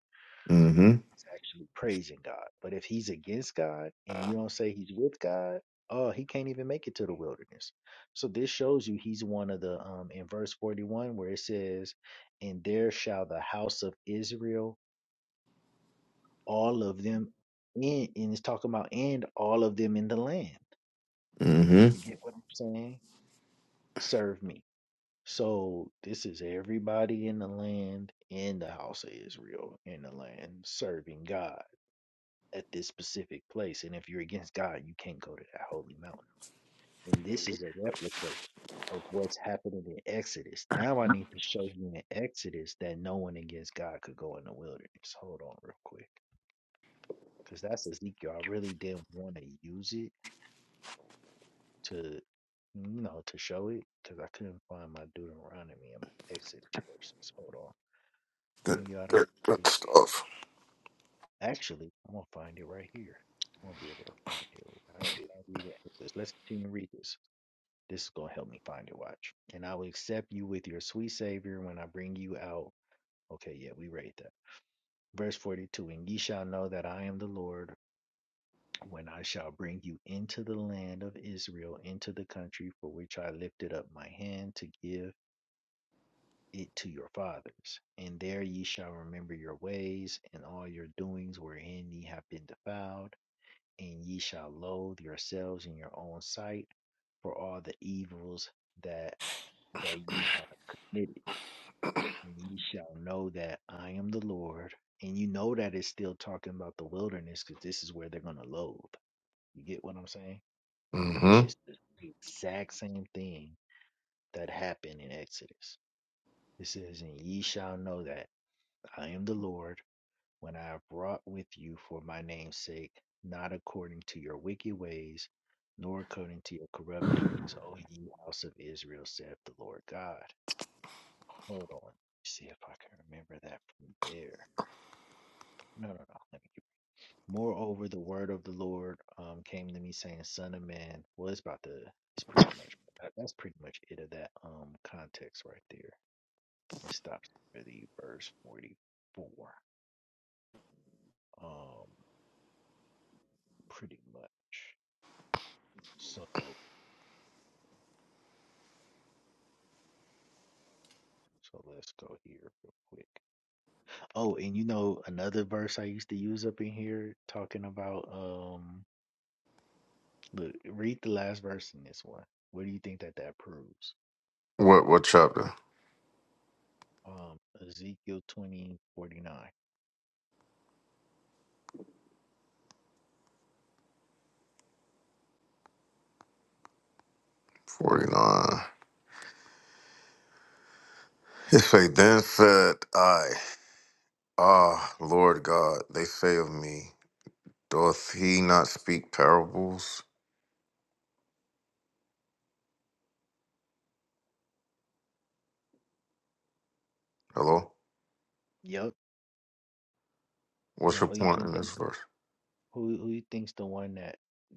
B: Mm-hmm.
A: He's actually praising God. But if he's against God and you don't say he's with God, oh, he can't even make it to the wilderness. So this shows you he's one of the um in verse 41 where it says, "And there shall the house of Israel." all of them in and it's talking about and all of them in the land.
B: Mm-hmm.
A: You get what I'm saying? Serve me. So this is everybody in the land in the house of Israel in the land serving God at this specific place. And if you're against God, you can't go to that holy mountain. And this is a replica of what's happening in Exodus. Now I need to show you in Exodus that no one against God could go in the wilderness. Hold on real quick. Because that's Ezekiel. I really didn't want to use it to you know to show it because I couldn't find my Deuteronomy and Exodus verses. Hold on, bring
B: Good,
A: you out of
B: good, good
A: country.
B: stuff.
A: Actually, I'm gonna find it right here. I'm gonna be able to find it. Right when I read it. It says, Let's continue to read this. This is gonna help me find it. Watch, and I will accept you with your sweet Savior when I bring you out. Okay, yeah, we read that. Verse 42 And ye shall know that I am the Lord when I shall bring you into the land of Israel, into the country for which I lifted up my hand to give it to your fathers, and there ye shall remember your ways and all your doings wherein ye have been defiled, and ye shall loathe yourselves in your own sight for all the evils that that ye have committed, and ye shall know that I am the Lord. And you know that it's still talking about the wilderness because this is where they're gonna loathe. You get what I'm saying?
B: hmm
A: Just the exact same thing that happened in Exodus. It says, And ye shall know that I am the Lord when I have wrought with you for my name's sake, not according to your wicked ways, nor according to your corrupt doings, O ye house of Israel, saith the Lord God. Hold on. See if I can remember that from there. No, no, no. Let me get... Moreover, the word of the Lord um, came to me saying, Son of man, well, it's about the, it's pretty much, that- that's pretty much it of that um context right there. It stops really verse 44. Um, pretty much. So. So let's go here real quick. Oh, and you know another verse I used to use up in here talking about um look, read the last verse in this one. What do you think that that proves?
B: What, what chapter?
A: Um Ezekiel twenty forty nine. 49.
B: 49. It say, Then said I, Ah, Lord God, they say of me, doth he not speak parables? Hello?
A: Yep.
B: What's
A: Now
B: your
A: who you
B: point
A: think
B: in
A: the,
B: this verse?
A: who who you think's the one that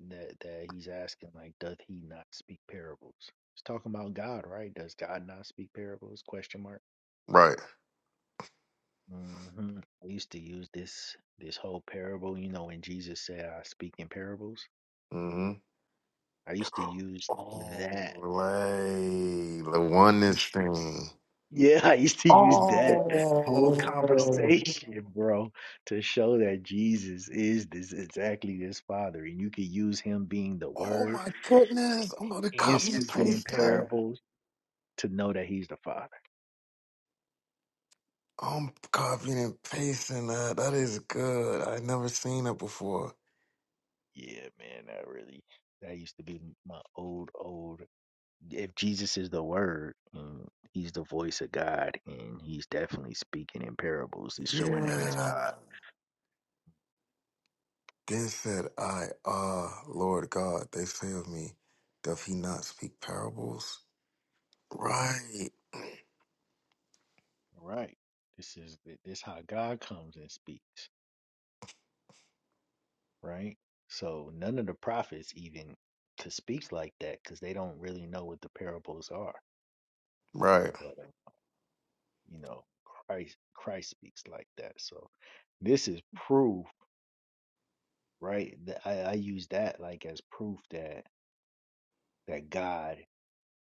A: that that he's asking like doth he not speak parables? It's talking about God, right? Does God not speak parables? Question mark.
B: Right.
A: hmm I used to use this this whole parable, you know, when Jesus said I speak in parables
B: Mm-hmm.
A: I used to use
B: Oh,
A: that.
B: like the oneness thing.
A: Yeah, I used to use that whole
B: Oh.
A: conversation, bro, to show that Jesus is this exactly this Father. And you could use him being the
B: Oh
A: Word
B: my goodness. I'm gonna
A: and
B: copy and
A: speaking in
B: paste that.
A: parables to know that he's the Father.
B: I'm copying and pasting that. That is good. I never seen it before.
A: Yeah, man, that really, that used to be my old, old. If Jesus is the Word and he's the voice of God and he's definitely speaking in parables, it's showing that he's
B: Yeah.
A: God.
B: Then said I, ah, Lord God, they say of me, doth he not speak parables? Right.
A: Right. This is th- this how God comes and speaks, right? So none of the prophets even to speaks like that because they don't really know what the parables are.
B: Right.
A: But uh, you know, Christ Christ speaks like that. So this is proof, right? That I, I use that like as proof that that God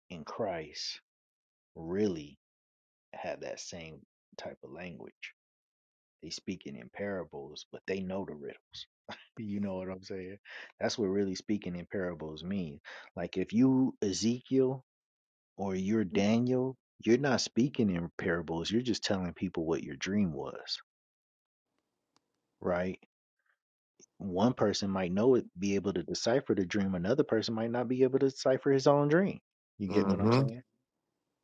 A: and Christ really have that same type of language. They speaking in parables, but they know the riddles. You know what I'm saying? That's what really speaking in parables mean. Like if you Ezekiel or you're Daniel, you're not speaking in parables. You're just telling people what your dream was, right? One person might know it, be able to decipher the dream. Another person might not be able to decipher his own dream. You get what I'm
B: Mm-hmm.
A: saying?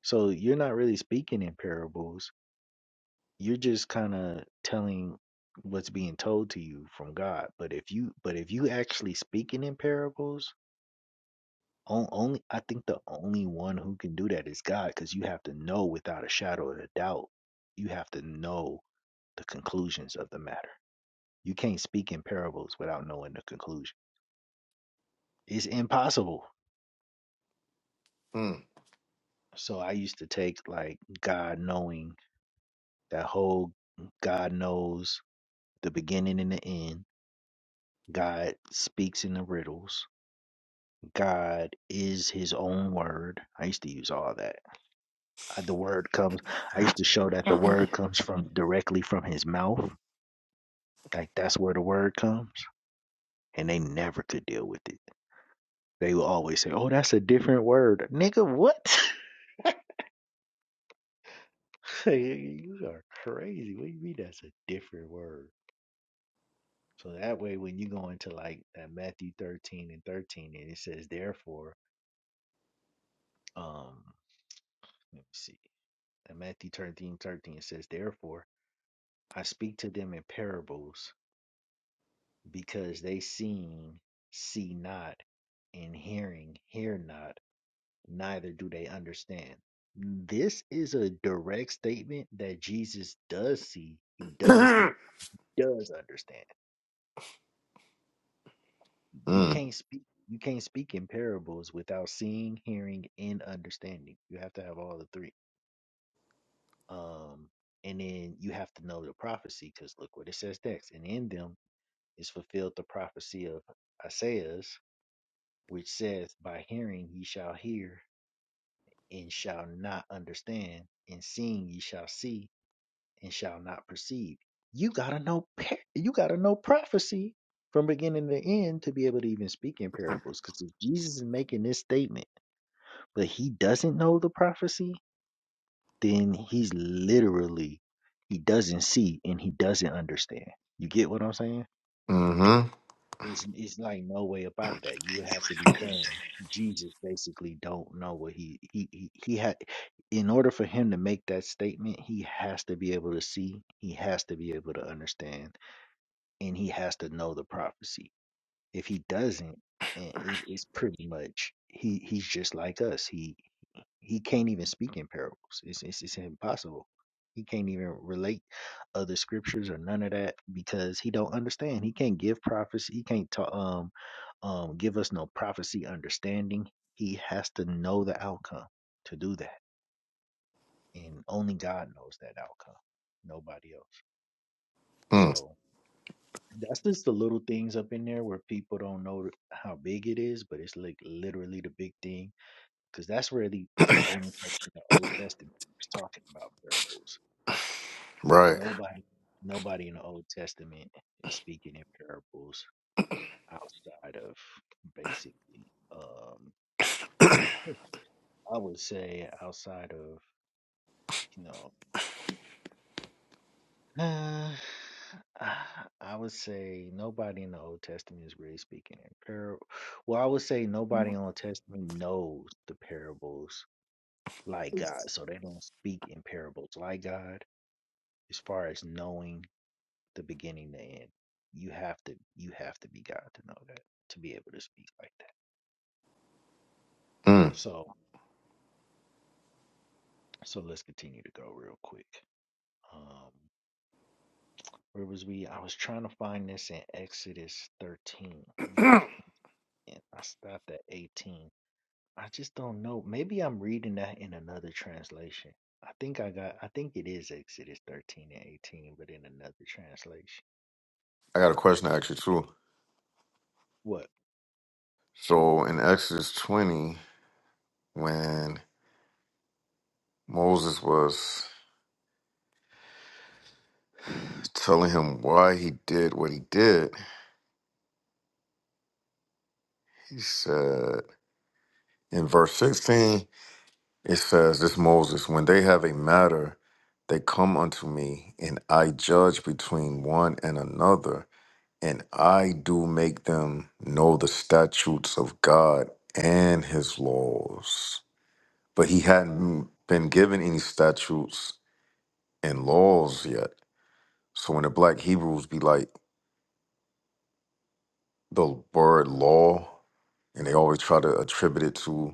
A: So you're not really speaking in parables you're just kind of telling what's being told to you from God. But if you but if you actually speaking in parables, on, only I think the only one who can do that is God, because you have to know without a shadow of a doubt. You have to know the conclusions of the matter. You can't speak in parables without knowing the conclusion. It's impossible.
B: Mm.
A: So I used to take like God knowing that whole God knows the beginning and the end. God speaks in the riddles God is his own word. I used to use all that. Uh, The word comes, I used to show that the word comes from directly from his mouth. Like that's where the word comes. And they never could deal with it. They will always say, Oh, that's a different word. Nigga, what? you are crazy. What do you mean that's a different word? So that way, when you go into like that Matthew 13 and 13, and it says, Therefore, um, let me see. That Matthew 13 13 it says, Therefore, I speak to them in parables because they seeing see not, and hearing hear not, neither do they understand. This is a direct statement that Jesus does see, he does hear, he does understand. You
B: mm.
A: can't speak you can't speak in parables without seeing, hearing, and understanding. You have to have all the three. Um and then you have to know the prophecy because look what it says next. And in them is fulfilled the prophecy of Isaiah's which says, By hearing ye shall hear and shall not understand, and seeing ye shall see and shall not perceive. You gotta know par- you gotta know prophecy from beginning to end to be able to even speak in parables. Because if Jesus is making this statement, but he doesn't know the prophecy, then he's literally he doesn't see and he doesn't understand. You get what I'm saying?
B: Mm-hmm.
A: It's it's like no way up out of that you would have to be saying Jesus basically don't know what he he he, he had in order for him to make that statement, he has to be able to see, he has to be able to understand, and he has to know the prophecy. If he doesn't, eh, it's, it's pretty much he he's just like us. He. He can't even speak in parables. It's, it's it's impossible. He can't even relate other scriptures or none of that because he don't understand. He can't give prophecy. He can't ta- um um give us no prophecy understanding. He has to know the outcome to do that, and only God knows that outcome. Nobody else.
B: Mm.
A: So that's just the little things up in there where people don't know how big it is, but it's like literally the big thing because that's really the only place in the Old Testament is talking about parables.
B: Right.
A: Nobody, nobody in the Old Testament is speaking in parables outside of basically, um, I would say outside of you know, uh, I I would say nobody in the Old Testament is really speaking in parable. Well, I would say nobody in the Old Testament knows the parables like God, so they don't speak in parables like God as far as knowing the beginning, the end. You have to you have to be God to know that to be able to speak like that.
B: Mm.
A: So so let's continue to go real quick. Um, where was we? I was trying to find this in Exodus 13. Let me. I stopped at 18. I just don't know. Maybe I'm reading that in another translation. I think I got. I think it is Exodus 13 and 18, but in another translation.
B: I got a question actually too.
A: What?
B: So in Exodus 20, when Moses was telling him why he did what he did, he said in verse 16, it says, This Moses, when they have a matter, they come unto me, and I judge between one and another, and I do make them know the statutes of God and his laws. But he hadn't been given any statutes and laws yet. So when the black Hebrews be like the word law, and they always try to attribute it to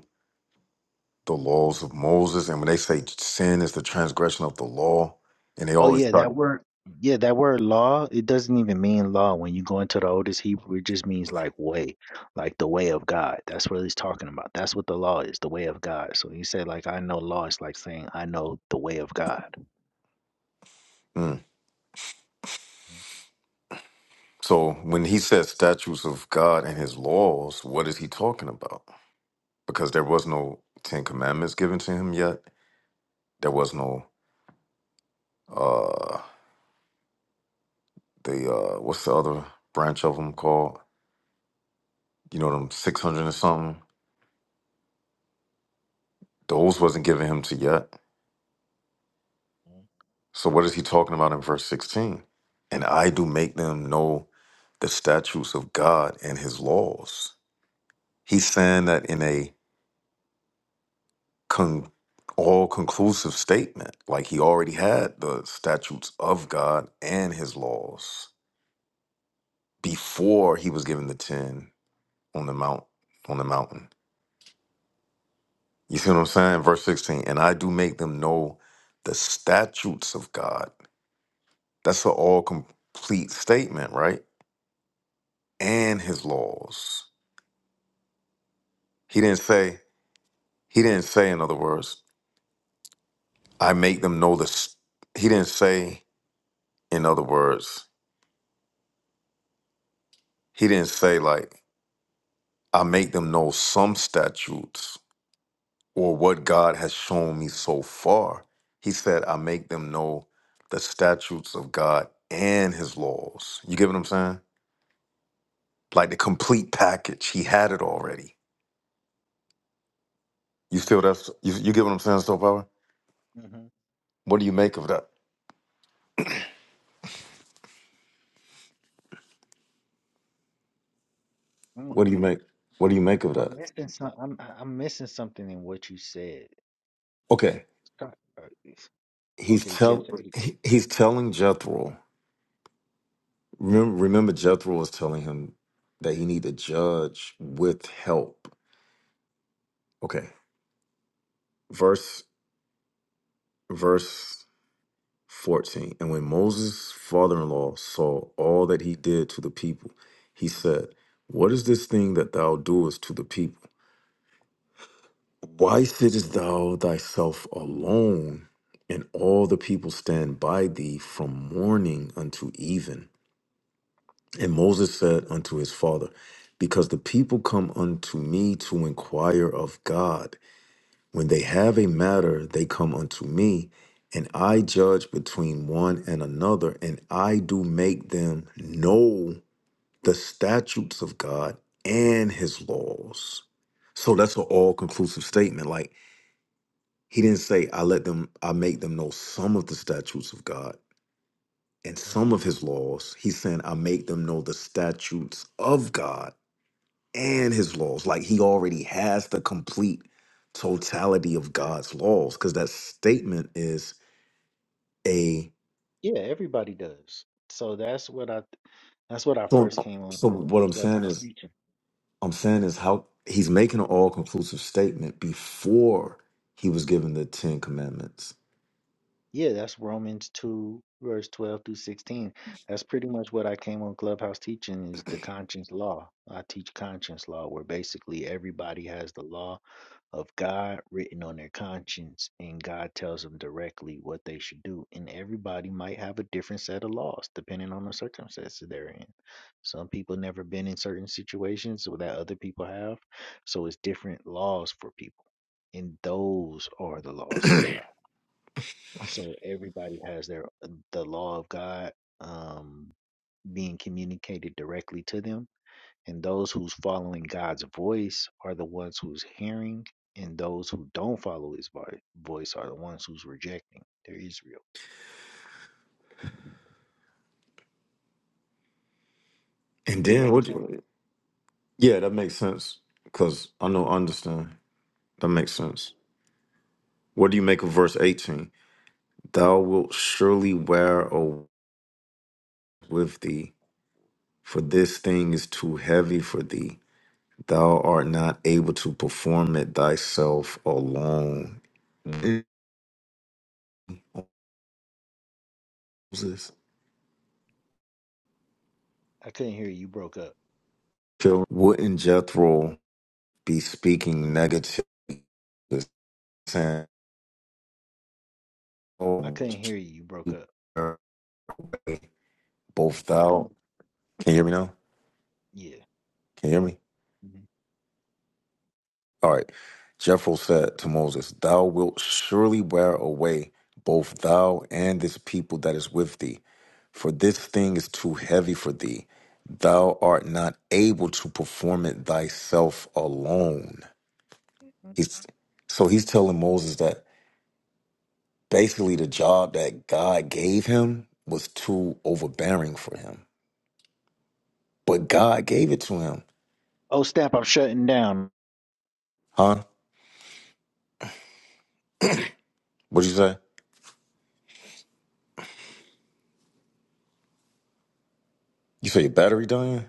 B: the laws of Moses. And when they say sin is the transgression of the law, and they
A: Oh
B: always
A: yeah,
B: talk.
A: that word yeah, that word law, it doesn't even mean law. When you go into the oldest Hebrew, it just means like way, like the way of God. That's what he's talking about. That's what the law is, the way of God. So he said like I know law is like saying I know the way of God.
B: Mm. So when he says statutes of God and his laws, what is he talking about? Because there was no Ten Commandments given to him yet. There was no uh the uh what's the other branch of them called? You know them six hundred and something. Those wasn't given him to yet. So what is he talking about in verse sixteen? And I do make them know the statutes of God and his laws. He's saying that in a con- all conclusive statement, like he already had the statutes of God and his laws before he was given the ten on the mount on the mountain. You see what I'm saying? Verse 16, and I do make them know the statutes of God. That's an all complete statement, right? And his laws. He didn't say, he didn't say, in other words, I make them know the s- he didn't say, in other words, He didn't say like, I make them know some statutes or what God has shown me so far. He said, I make them know the statutes of God and his laws. You get what I'm saying? Like the complete package. He had it already. You feel that's you, you get what I'm saying, so power?
A: Mm-hmm.
B: What do you make of that?
A: hmm
B: What do you make? What do you make of
A: I'm
B: that?
A: missing some I'm I'm missing something in what you said.
B: Okay.
A: Stop- uh, it's-
B: He's
A: Okay, so yeah,
B: tell
A: say it.
B: he- he's telling Jethro. Remember, remember Jethro was telling him that he need to judge with help. Okay. verse verse 14 and when moses' father-in-law saw all that he did to the people he said what is this thing that thou doest to the people why sittest thou thyself alone and all the people stand by thee from morning unto even and moses said unto his father because the people come unto me to inquire of god When they have a matter, they come unto me, and I judge between one and another, and I do make them know the statutes of God and his laws. So that's an all conclusive statement. Like he didn't say, I let them, I make them know some of the statutes of God and some
A: hmm
B: of his laws. He's saying, I make them know the statutes of God and his laws. Like he already has the complete totality of God's laws because that statement is a
A: Yeah, everybody does. So that's what I that's what I first
B: so
A: came on
B: so
A: Cl-
B: what I'm saying
A: Clubhouse
B: is
A: teaching.
B: I'm saying is how he's making an all conclusive statement before he was given the 10 commandments.
A: Yeah, that's Romans 2, verse 12 through 16. That's pretty much what I came on Clubhouse teaching is the conscience law. I teach conscience law where basically everybody has the law of God written on their conscience and God tells them directly what they should do. And everybody might have a different set of laws depending on the circumstances they're in. Some people never been in certain situations so that other people have. So it's different laws for people. And those are the laws of God so everybody has their uh, the law of God um, being communicated directly to them, and those who's following God's voice are the ones who's hearing, and those who don't follow His vo- voice are the ones who's rejecting. They're Israel. You
B: And
A: get
B: then
A: what I'm
B: what
A: saying?
B: you, yeah, that makes sense cuz I know I understand. That makes sense. What do you make of verse 18? Thou wilt surely wear a with thee for this thing is too heavy for thee Thou art not able to perform it thyself alone. Moses,
A: I couldn't hear you. You broke up.
B: wouldn't Jethro be speaking negative? saying,
A: I
B: "Oh,
A: couldn't hear you. You broke up.
B: both thou? Can you hear me now?
A: Yeah.
B: Can you hear me?
A: Mhm.
B: All right. Jethro said to Moses, Thou wilt surely wear away both thou and this people that is with thee, for this thing is too heavy for thee. Thou art not able to perform it thyself alone. He's, so he's telling Moses that basically the job that God gave him was too overbearing for him. But God gave it to him.
A: Oh, snap! I'm shutting down.
B: Huh? What'd you say? You say your battery dying?